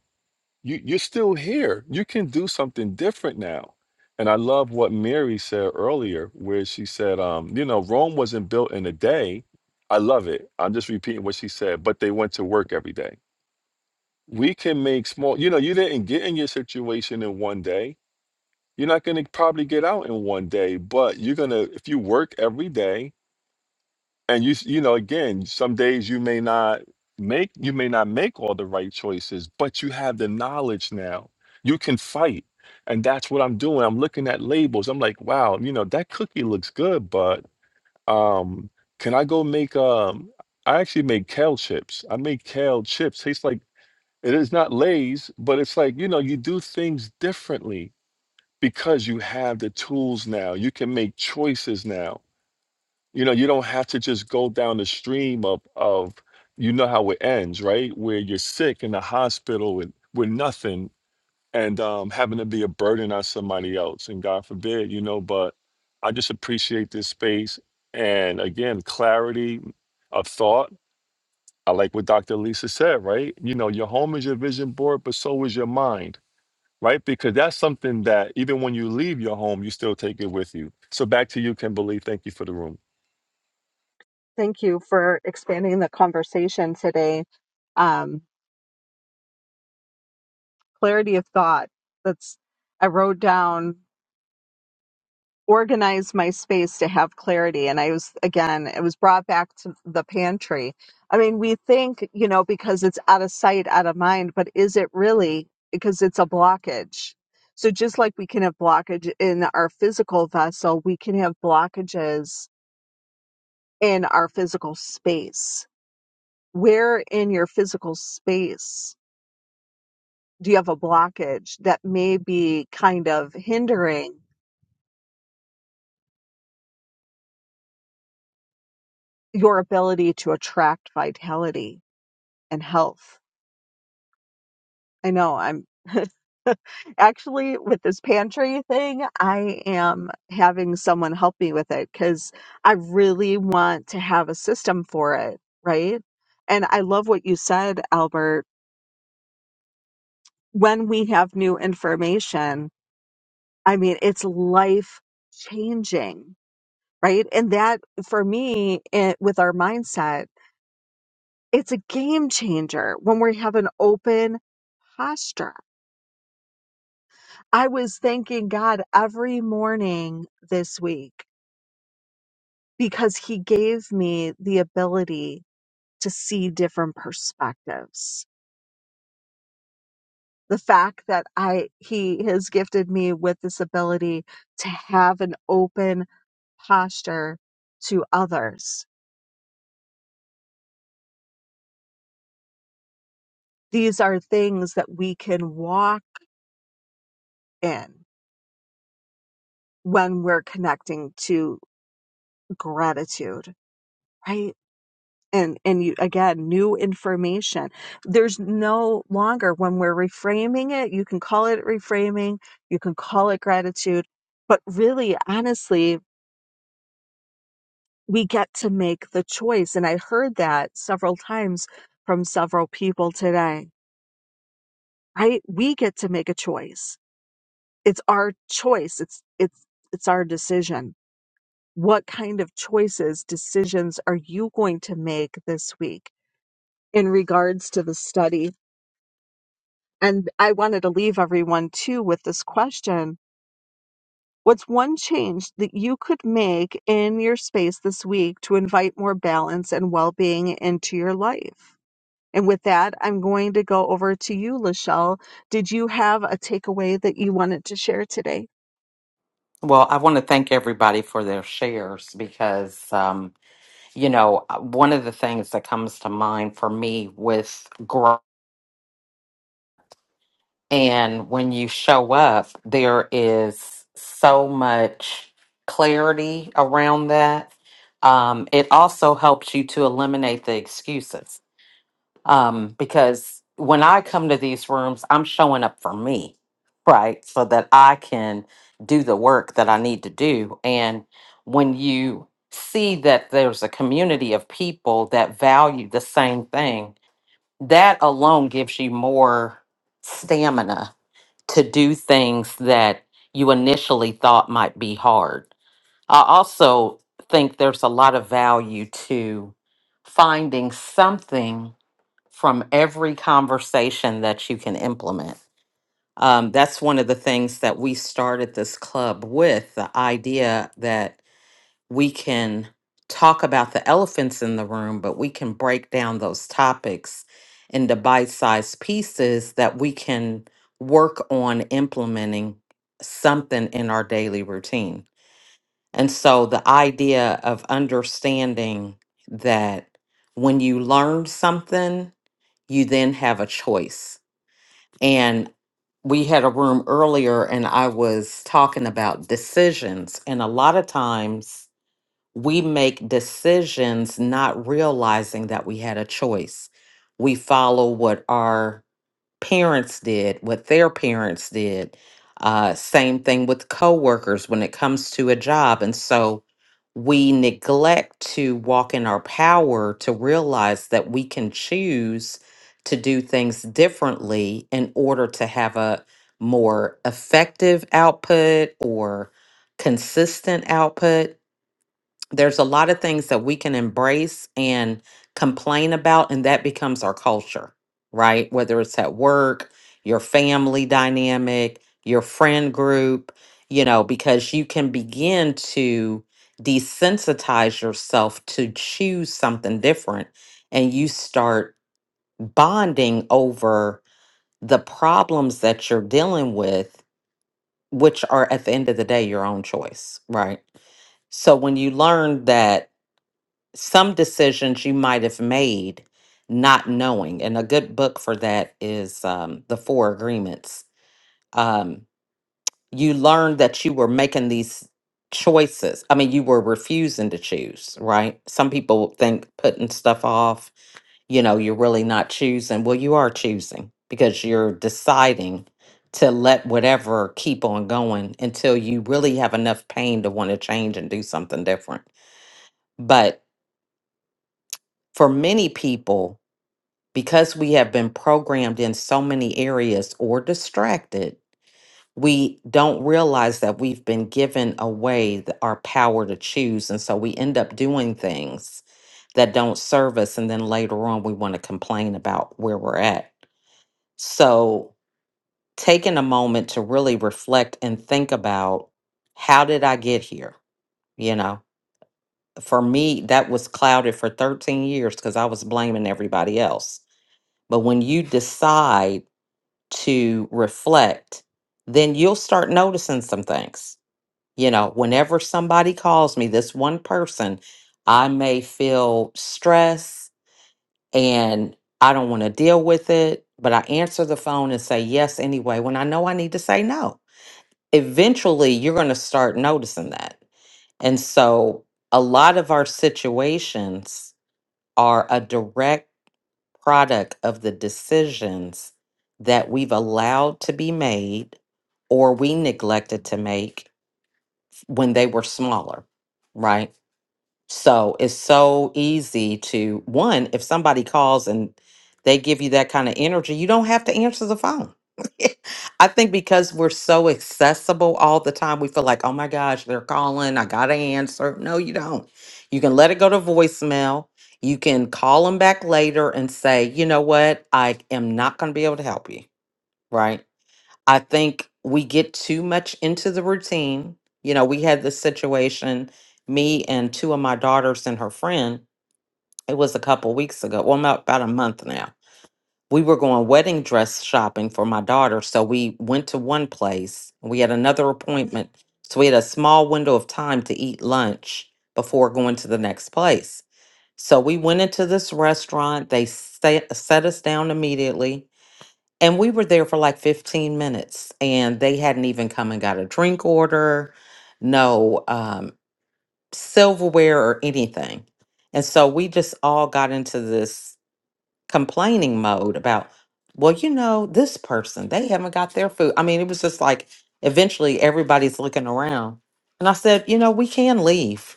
S6: you you're still here. You can do something different now. And I love what Mary said earlier, where she said, um, you know, Rome wasn't built in a day. I love it. I'm just repeating what she said, but they went to work every day. We can make small, you know, you didn't get in your situation in one day. You're not going to probably get out in one day, but you're going to, if you work every day, and you s- you know again some days you may not make you may not make all the right choices but you have the knowledge now you can fight and that's what i'm doing i'm looking at labels i'm like wow you know that cookie looks good but um can i go make um i actually make kale chips i make kale chips tastes like it is not lays but it's like you know you do things differently because you have the tools now you can make choices now you know, you don't have to just go down the stream of of you know how it ends, right? Where you're sick in the hospital with with nothing and um having to be a burden on somebody else. And God forbid, you know, but I just appreciate this space and again, clarity of thought. I like what Dr. Lisa said, right? You know, your home is your vision board, but so is your mind, right? Because that's something that even when you leave your home, you still take it with you. So back to you, Kimberly. Thank you for the room.
S1: Thank you for expanding the conversation today. Um, clarity of thought. That's I wrote down organize my space to have clarity. And I was, again, it was brought back to the pantry. I mean, we think, you know, because it's out of sight, out of mind, but is it really? Because it's a blockage. So just like we can have blockage in our physical vessel, we can have blockages in our physical space. Where in your physical space do you have a blockage that may be kind of hindering your ability to attract vitality and health? I know I'm actually with this pantry thing, I am having someone help me with it because I really want to have a system for it, right? And I love what you said, Albert. When we have new information, I mean, it's life changing, right? And that for me, it, with our mindset, it's a game changer when we have an open posture I was thanking God every morning this week because He gave me the ability to see different perspectives. The fact that I, He has gifted me with this ability to have an open posture to others. These are things that we can walk in when we're connecting to gratitude, right? and and you again new information there's no longer when we're reframing it you can call it reframing you can call it gratitude but really honestly we get to make the choice and i heard that several times from several people today right we get to make a choice it's our choice it's it's it's our decision what kind of choices decisions are you going to make this week in regards to the study And I wanted to leave everyone too with this question. What's one change that you could make in your space this week to invite more balance and well being into your life? And with that, I'm going to go over to you, Lachelle. Did you have a takeaway that you wanted to share today?
S2: Well, I want to thank everybody for their shares because, um, you know, one of the things that comes to mind for me with growth. And when you show up, there is so much clarity around that. Um, it also helps you to eliminate the excuses. Um, because when I come to these rooms, I'm showing up for me, right? So that I can do the work that I need to do. And when you see that there's a community of people that value the same thing, that alone gives you more stamina to do things that you initially thought might be hard. I also think there's a lot of value to finding something from every conversation that you can implement. Um, that's one of the things that we started this club with the idea that we can talk about the elephants in the room, but we can break down those topics into bite sized pieces that we can work on implementing something in our daily routine. And so the idea of understanding that when you learn something, you then have a choice. And we had a room earlier and I was talking about decisions. And a lot of times, we make decisions not realizing that we had a choice. We follow what our parents did, what their parents did. Uh, same thing with coworkers when it comes to a job. And so we neglect to walk in our power to realize that we can choose to do things differently in order to have a more effective output or consistent output there's a lot of things that we can embrace and complain about and that becomes our culture right whether it's at work your family dynamic your friend group you know because you can begin to desensitize yourself to choose something different and you start bonding over the problems that you're dealing with which are at the end of the day your own choice right so when you learn that some decisions you might have made not knowing. And a good book for that is um, The Four Agreements. Um, you learned that you were making these choices. I mean, you were refusing to choose, right? Some people think putting stuff off, you know, you're really not choosing. Well, you are choosing because you're deciding to let whatever keep on going until you really have enough pain to want to change and do something different. But for many people, because we have been programmed in so many areas or distracted, we don't realize that we've been given away th- our power to choose. And so we end up doing things that don't serve us. And then later on, we want to complain about where we're at. So taking a moment to really reflect and think about how did I get here? You know, for me, that was clouded for 13 years because I was blaming everybody else. But when you decide, to reflect, then you'll start noticing some things. You know, whenever somebody calls me, this one person, I may feel stress and I don't want to deal with it, but I answer the phone and say yes anyway when I know I need to say no. Eventually, you're going to start noticing that. And so, a lot of our situations are a direct product of the decisions that we've allowed to be made or we neglected to make when they were smaller, right? So it's so easy to one, if somebody calls and they give you that kind of energy, you don't have to answer the phone. I think because we're so accessible all the time, we feel like, oh my gosh, they're calling. I got to answer. No, you don't. You can let it go to voicemail. You can call them back later and say, you know what? I am not going to be able to help you. Right. I think we get too much into the routine. You know, we had this situation, me and two of my daughters and her friend, it was a couple weeks ago, well, about about a month now. We were going wedding dress shopping for my daughter. So we went to one place, and we had another appointment. So we had a small window of time to eat lunch before going to the next place. So we went into this restaurant. They set, set us down immediately and we were there for like 15 minutes, and they hadn't even come and got a drink order, no um, silverware or anything. And so we just all got into this complaining mode about, well, you know, this person, they haven't got their food. I mean, it was just like eventually everybody's looking around. And I said, you know, we can leave.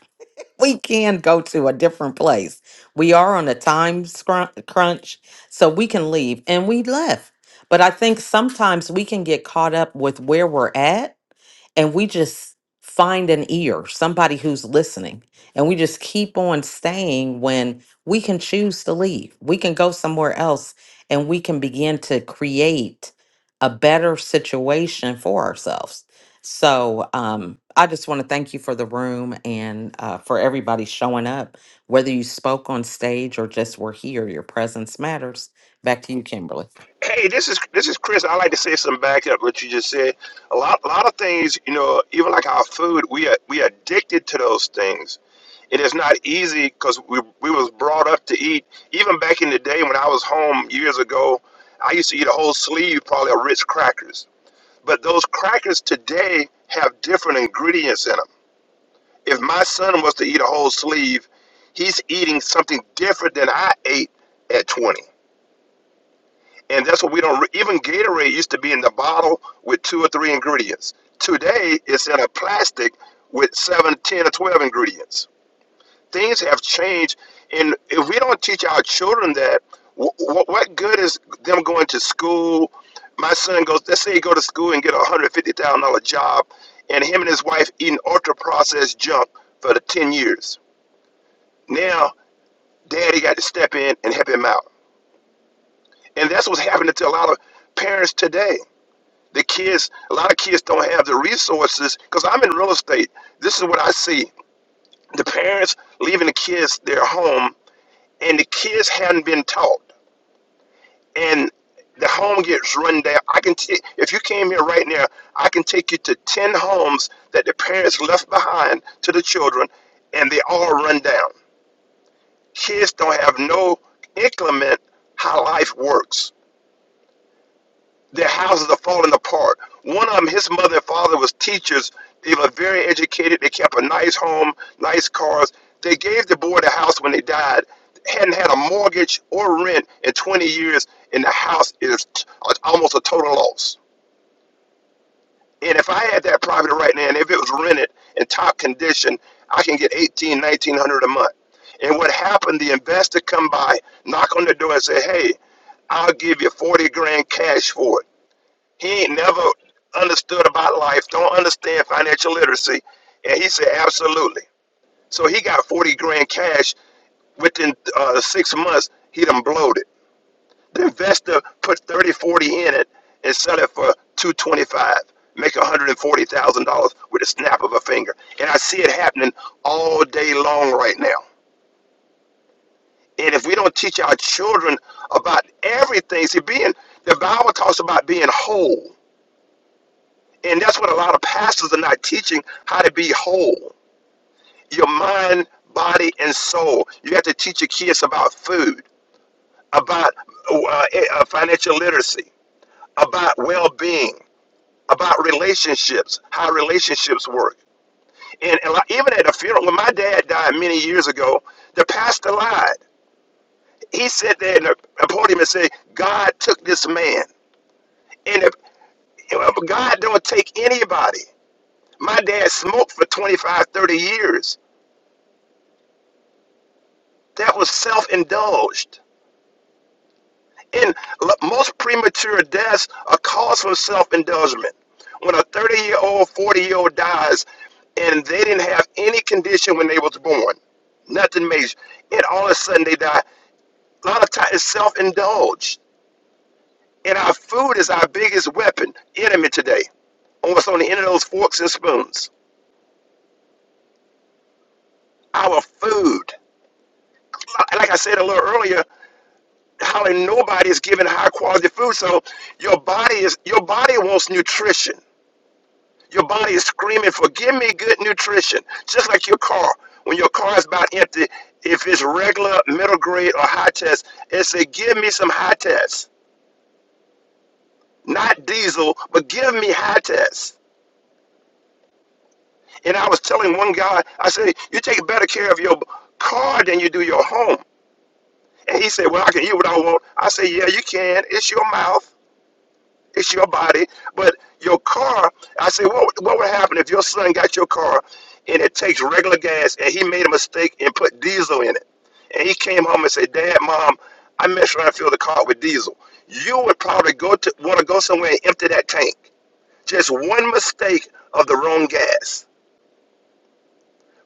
S2: we can go to a different place. We are on a time scrun- crunch, so we can leave. And we left. But I think sometimes we can get caught up with where we're at and we just find an ear, somebody who's listening, and we just keep on staying when we can choose to leave. We can go somewhere else and we can begin to create a better situation for ourselves. So, um, I just want to thank you for the room and uh, for everybody showing up. Whether you spoke on stage or just were here, your presence matters. Back to you, Kimberly.
S8: Hey, this is this is Chris. I like to say some back up what you just said. A lot, a lot of things, you know, even like our food, we are we are addicted to those things it is not easy because we, we was brought up to eat even back in the day when i was home years ago i used to eat a whole sleeve probably of rich crackers but those crackers today have different ingredients in them if my son was to eat a whole sleeve he's eating something different than i ate at 20 and that's what we don't re- even gatorade used to be in the bottle with two or three ingredients today it's in a plastic with seven, ten, or 12 ingredients things have changed, and if we don't teach our children that, wh- wh- what good is them going to school? My son goes. Let's say he go to school and get a hundred fifty thousand dollar job, and him and his wife eating ultra processed junk for the ten years. Now, daddy got to step in and help him out, and that's what's happening to a lot of parents today. The kids, a lot of kids don't have the resources. Because I'm in real estate, this is what I see: the parents leaving the kids their home, and the kids have not been taught. and the home gets run down. I can take if you came here right now, I can take you to ten homes that the parents left behind to the children, and they all run down. Kids don't have no inclement how life works. Their houses are falling apart. One of them, his mother and father was teachers. They were very educated. They kept a nice home, nice cars. They gave the boy the house when they died. Hadn't had a mortgage or rent in 20 years, and the house is t- uh, almost a total loss. And if I had that property right now, and if it was rented in top condition, I can get 18, 1900 a month. And what happened, the investor come by, knock on the door and say, hey, I'll give you 40 grand cash for it. He ain't never understood about life, don't understand financial literacy. And he said, absolutely. So he got 40 grand cash within uh, six months, he done blowed it. The investor put 30 40 in it and sell it for 225, make $140,000 with a snap of a finger. And I see it happening all day long right now. And if we don't teach our children about everything, see, being, the Bible talks about being whole. And that's what a lot of pastors are not teaching how to be whole. Your mind, body, and soul. You have to teach your kids about food, about uh, uh, financial literacy, about well being, about relationships, how relationships work. And, and like, even at a funeral, when my dad died many years ago, the pastor lied. He said there in the podium and said, God took this man. And if, God don't take anybody. My dad smoked for 25, 30 years. That was self indulged. And most premature deaths are caused from self indulgement. When a 30 year old, 40 year old dies and they didn't have any condition when they was born, nothing major, and all of a sudden they die, a lot of times it's self indulged. And our food is our biggest weapon, enemy today, almost on the end of those forks and spoons. Our food. Like I said a little earlier, how and nobody is giving high quality food. So your body is your body wants nutrition. Your body is screaming for give me good nutrition. Just like your car. When your car is about empty, if it's regular, middle grade, or high test, it say give me some high test. Not diesel, but give me high test. And I was telling one guy, I said, you take better care of your car than you do your home. And he said, well, I can eat what I want. I said, yeah, you can. It's your mouth. It's your body, but your car. I said, what what would happen if your son got your car and it takes regular gas and he made a mistake and put diesel in it, and he came home and said, Dad, Mom, I messed around and filled the car with diesel. You would probably go to want to go somewhere and empty that tank. Just one mistake of the wrong gas.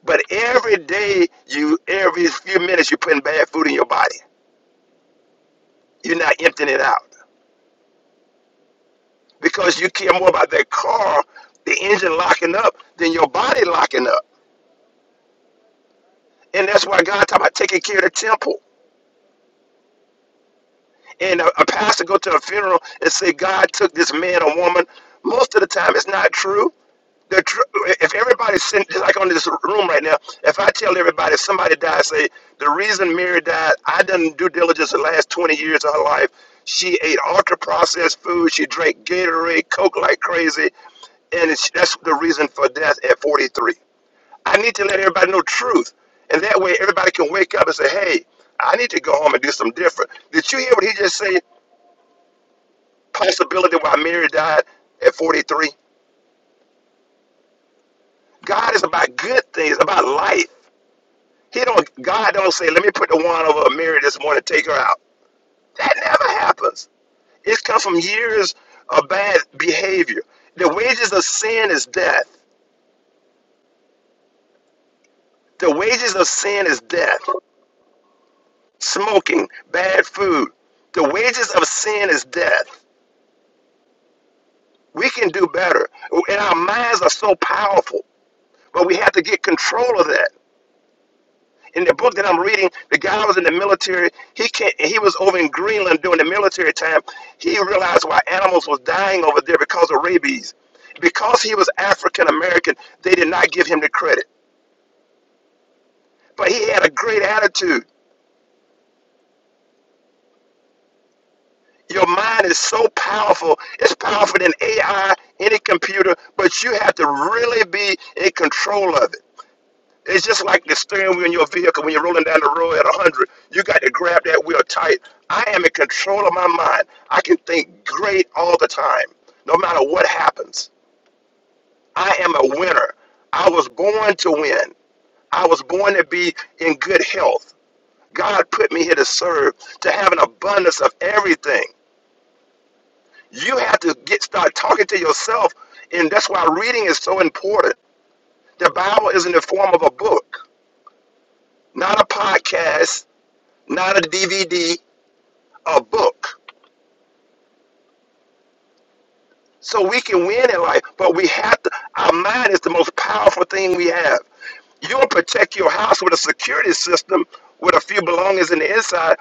S8: But every day you, every few minutes, you're putting bad food in your body. You're not emptying it out because you care more about that car, the engine locking up, than your body locking up. And that's why God talking about taking care of the temple. And a, a pastor go to a funeral and say God took this man or woman. Most of the time, it's not true. The tr- if everybody's sitting just like on this room right now, if I tell everybody somebody died, say the reason Mary died, I done due diligence the last 20 years of her life. She ate ultra processed food. She drank Gatorade, Coke like crazy, and it's, that's the reason for death at 43. I need to let everybody know the truth. And that way everybody can wake up and say, hey, I need to go home and do something different. Did you hear what he just said? Possibility why Mary died at 43? God is about good things, about life. He don't God don't say, let me put the wand over Mary this morning and take her out. That never happens. It comes from years of bad behavior. The wages of sin is death. The wages of sin is death. Smoking, bad food. The wages of sin is death. We can do better. And our minds are so powerful, but we have to get control of that. In the book that I'm reading, the guy was in the military. He can not he was over in Greenland during the military time. He realized why animals was dying over there because of rabies. Because he was African American, they did not give him the credit. But he had a great attitude. Your mind is so powerful. It's powerful than AI, any computer, but you have to really be in control of it. It's just like the steering wheel in your vehicle when you're rolling down the road at 100. You got to grab that wheel tight. I am in control of my mind. I can think great all the time, no matter what happens. I am a winner. I was born to win. I was born to be in good health. God put me here to serve, to have an abundance of everything. You have to get start talking to yourself, and that's why reading is so important. The Bible is in the form of a book, not a podcast, not a DVD, a book so we can win in life. But we have to, our mind is the most powerful thing we have. You will protect your house with a security system with a few belongings in the inside.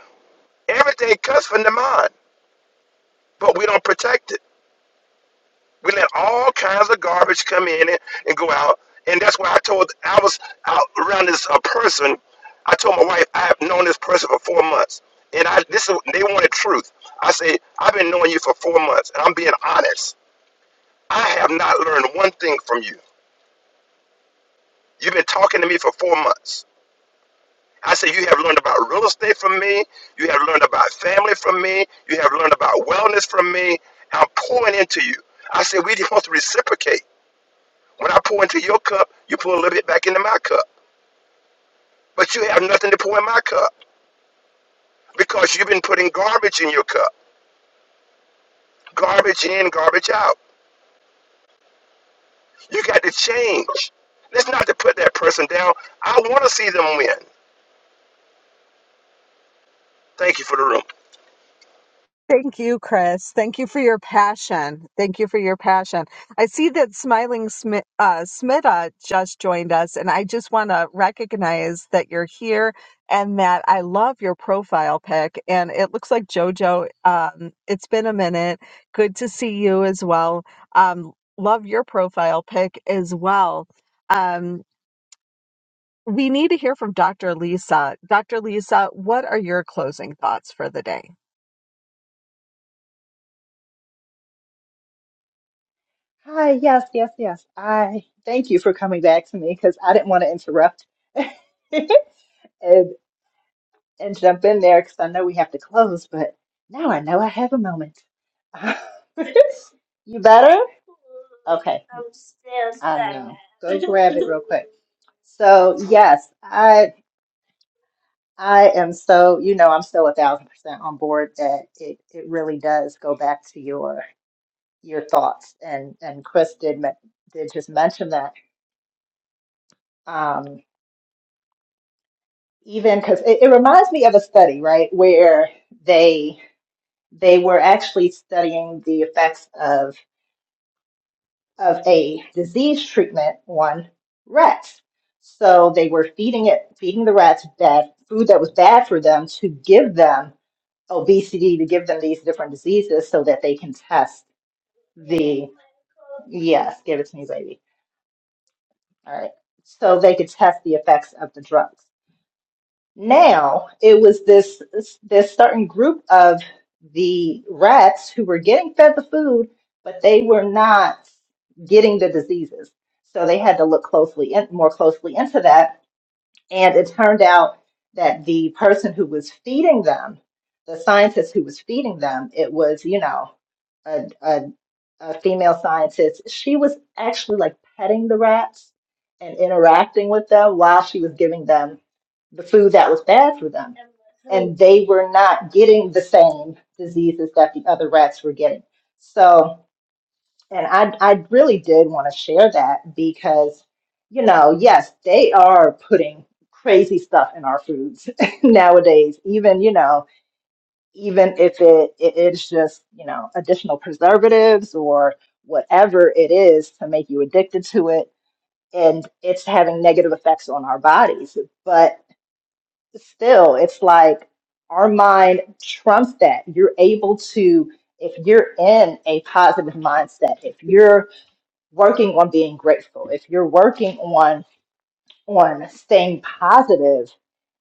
S8: Everything comes from the mind, but we don't protect it. We let all kinds of garbage come in and, and go out. And that's why I told, I was out around this uh, person. I told my wife, I have known this person for four months. And I, this is, they wanted truth. I said I've been knowing you for four months, and I'm being honest. I have not learned one thing from you. You've been talking to me for four months. I said, You have learned about real estate from me. You have learned about family from me. You have learned about wellness from me. I'm pouring into you. I said, We're supposed to reciprocate. When I pour into your cup, you pour a little bit back into my cup. But you have nothing to pour in my cup because you've been putting garbage in your cup. Garbage in, garbage out. You got to change. That's not to put that person down. I want to see them win. Thank you for the room.
S1: Thank you, Chris. Thank you for your passion. Thank you for your passion. I see that Smiling Smith, uh, Smita just joined us, and I just want to recognize that you're here and that I love your profile pic. And it looks like JoJo. Um, it's been a minute. Good to see you as well. Um, love your profile pic as well. Um, we need to hear from Dr. Lisa. Dr. Lisa, what are your closing thoughts for the day?
S3: Hi, yes, yes, yes. I thank you for coming back to me because I didn't want to interrupt. And and jump in there because I know we have to close, but now I know I have a moment. you better? Okay. I know. Go grab it real quick. So yes, I I am so you know I'm so a thousand percent on board that it it really does go back to your your thoughts and and Chris did men- did just mention that um, even because it, it reminds me of a study right where they they were actually studying the effects of of a disease treatment on rats. So they were feeding it, feeding the rats bad food that was bad for them to give them obesity, to give them these different diseases so that they can test the, yes, give it to me, baby. All right. So they could test the effects of the drugs. Now it was this this certain group of the rats who were getting fed the food, but they were not getting the diseases. So they had to look closely in, more closely into that. And it turned out that the person who was feeding them, the scientist who was feeding them, it was you know a female scientist, she was actually like petting the rats and interacting with them while she was giving them the food that was bad for them. And they were not getting the same diseases that the other rats were getting. So, and I, I really did want to share that because, you know, yes, they are putting crazy stuff in our foods nowadays, even, you know even if it, it it's just you know additional preservatives or whatever it is to make you addicted to it and it's having negative effects on our bodies but still it's like our mind trumps that you're able to if you're in a positive mindset if you're working on being grateful if you're working on on staying positive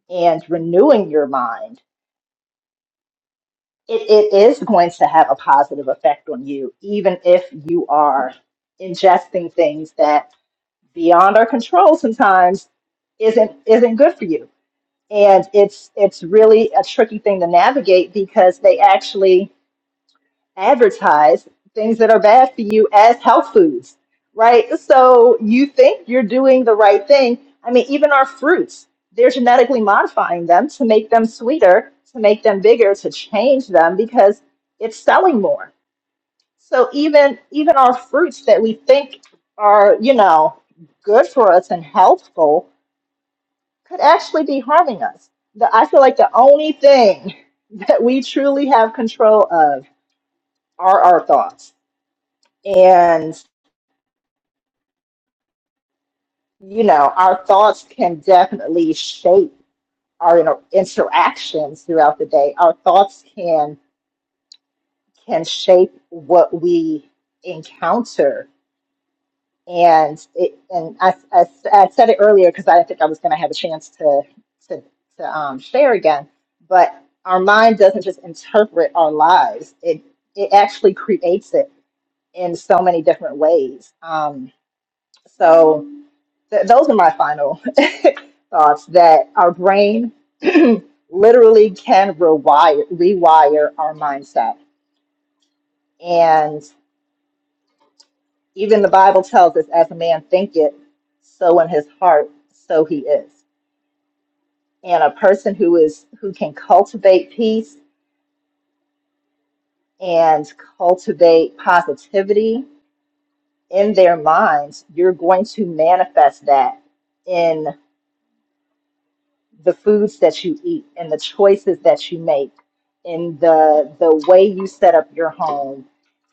S3: and renewing your mind it, it is going to have a positive effect on you, even if you are ingesting things that beyond our control sometimes isn't isn't good for you. And it's it's really a tricky thing to navigate because they actually advertise things that are bad for you as health foods, right? So you think you're doing the right thing. I mean, even our fruits, they're genetically modifying them to make them sweeter, to make them bigger, to change them because it's selling more. So even even our fruits that we think are, you know, good for us and healthful could actually be harming us. The, I feel like the only thing that we truly have control of are our thoughts and, you know, our thoughts can definitely shape our inter- interactions throughout the day. Our thoughts can can shape what we encounter. And it, and I, I, I said it earlier because I didn't think I was going to have a chance to to, to um, share again. But our mind doesn't just interpret our lives; it it actually creates it in so many different ways. Um, so Th- those are my final thoughts that our brain literally can rewire, rewire our mindset. And even the Bible tells us, as a man thinketh, so in his heart, so he is. And a person who is who can cultivate peace and cultivate positivity in their minds, you're going to manifest that in. the foods that you eat and the choices that you make and the the way you set up your home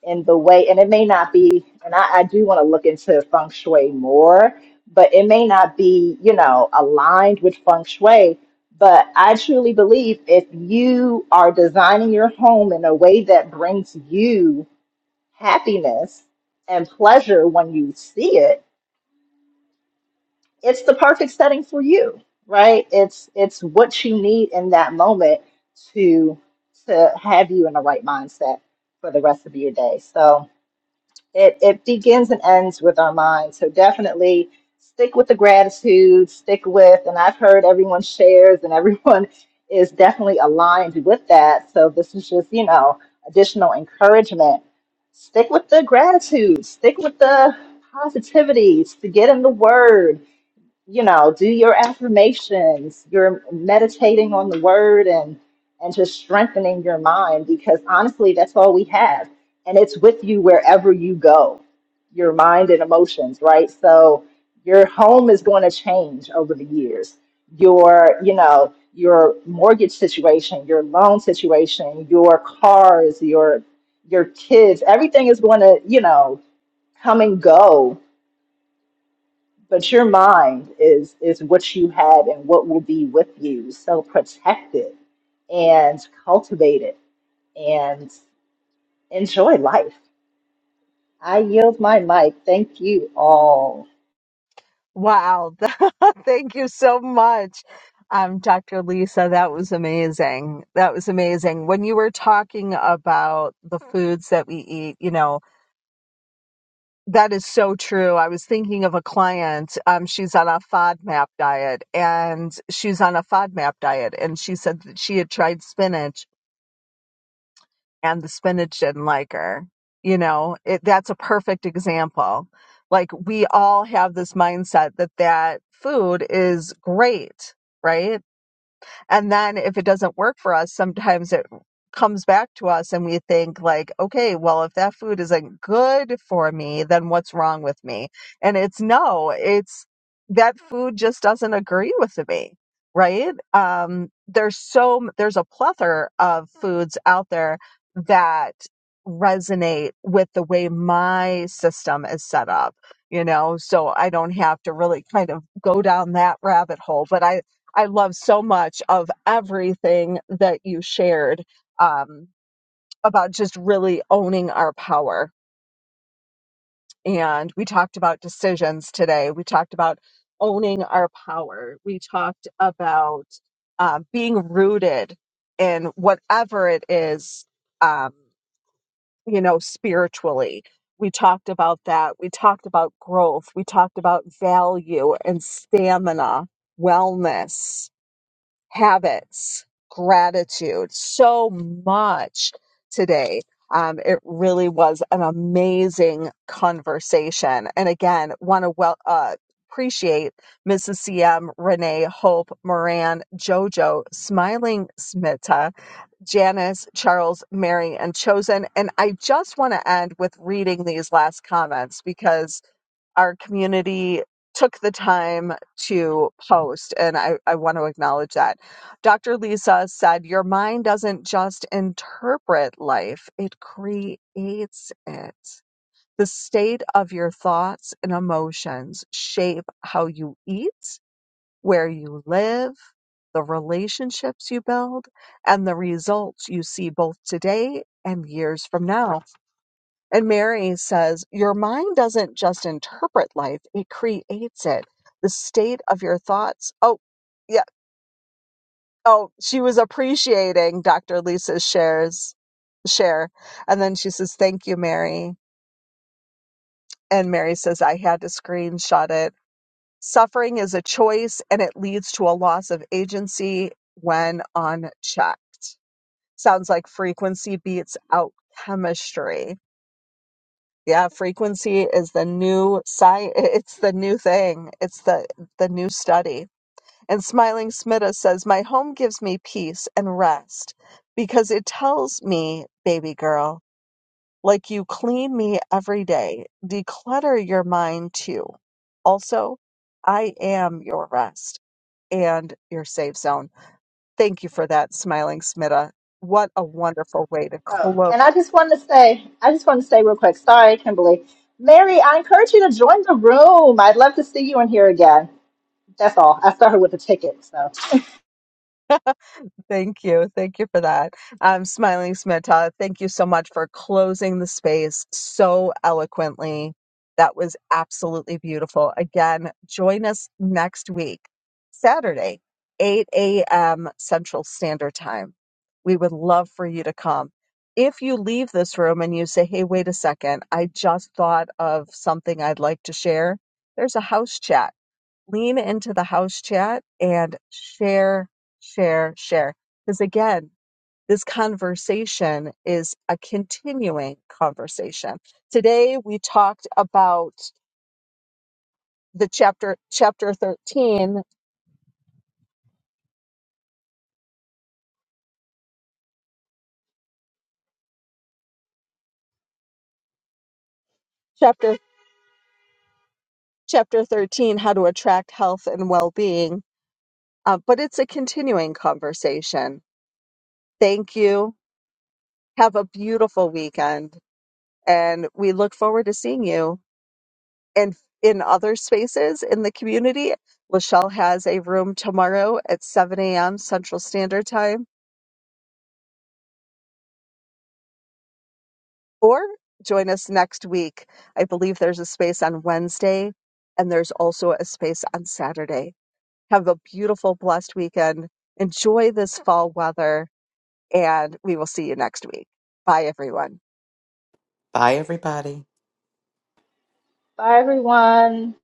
S3: and the way and it may not be and I, I do want to look into feng shui more, but it may not be, you know, aligned with feng shui. But I truly believe if you are designing your home in a way that brings you happiness and pleasure when you see it, it's the perfect setting for you, right? It's it's what you need in that moment to to have you in the right mindset for the rest of your day. So it it begins and ends with our mind. So definitely stick with the gratitude, stick with, and I've heard everyone shares and everyone is definitely aligned with that. So this is just, you know, additional encouragement. Stick with the gratitude, stick with the positivities, to get in the word you know, do your affirmations, you're meditating on the word and and just strengthening your mind because honestly, that's all we have. And it's with you wherever you go, your mind and emotions, right? So your home is going to change over the years. Your, you know, your mortgage situation, your loan situation, your cars, your your kids, everything is going to, you know, come and go but your mind is is what you have and what will be with you. So protect it and cultivate it and enjoy life. I yield my mic. Thank you all.
S1: Wow. Thank you so much. Um, Dr. Lisa, that was amazing. That was amazing. When you were talking about the foods that we eat, you know, that is so true. I was thinking of a client. Um, she's on a FODMAP diet and she's on a FODMAP diet. And she said that she had tried spinach and the spinach didn't like her. You know, it, that's a perfect example. Like we all have this mindset that that food is great, right? And then if it doesn't work for us, sometimes it comes back to us and we think like, okay, well, if that food isn't good for me, then what's wrong with me? And it's no, it's that food just doesn't agree with me. Right. Um, there's so, there's a plethora of foods out there that resonate with the way my system is set up you know so i don't have to really kind of go down that rabbit hole but i I love so much of everything that you shared um, about just really owning our power. And we talked about decisions today. We talked about owning our power. We talked about um, being rooted in whatever it is, um, you know, spiritually. We talked about that. We talked about growth. We talked about value and stamina, wellness habits, gratitude, so much today. Um, it really was an amazing conversation. And again, want to well, uh, appreciate Mrs. CM, Renee, Hope, Moran, JoJo, Smiling Smita, Janice, Charles, Mary, and Chosen. And I just want to end with reading these last comments because our community took the time to post, and I, I want to acknowledge that. Dr. Lisa said, Your mind doesn't just interpret life, it creates it. The state of your thoughts and emotions shape how you eat, where you live, the relationships you build, and the results you see both today and years from now. And Mary says, Your mind doesn't just interpret life, it creates it. The state of your thoughts. Oh, yeah. Oh, she was appreciating Dr. Lisa's shares share. And then she says, Thank you, Mary. And Mary says, I had to screenshot it. Suffering is a choice and it leads to a loss of agency when unchecked. Sounds like frequency beats out chemistry Yeah, frequency is the new sci it's the new thing. It's the the new study. And Smiling Smitta says, "My home gives me peace and rest because it tells me, baby girl, like you clean me every day, declutter your mind too. Also, I am your rest and your safe zone." Thank you for that, Smiling Smitta. What a wonderful way to
S3: Oh,
S1: close.
S3: and I just want to say, I just want to say real quick. Sorry, Kimberly. Mary, I encourage you to join the room. I'd love to see you in here again. That's all. I started with a ticket. So
S1: Thank you. Thank you for that. Um, Smiling Smita, thank you so much for closing the space so eloquently. That was absolutely beautiful. Again, join us next week, Saturday, 8 a.m. Central Standard Time. We would love for you to come. If you leave this room and you say, hey, wait a second, I just thought of something I'd like to share, there's a house chat lean into the house chat and share, share, share. Because again, this conversation is a continuing conversation. Today we talked about the chapter chapter 13 chapter chapter 13 how to attract health and well-being uh, but it's a continuing conversation thank you have a beautiful weekend and we look forward to seeing you and in other spaces in the community. Lachelle has a room tomorrow at 7 a.m. Central Standard Time, or join us next week. I believe there's a space on Wednesday, and there's also a space on Saturday. Have a beautiful, blessed weekend. Enjoy this fall weather, and we will see you next week. Bye, everyone.
S2: Bye, everybody.
S3: bye, everyone.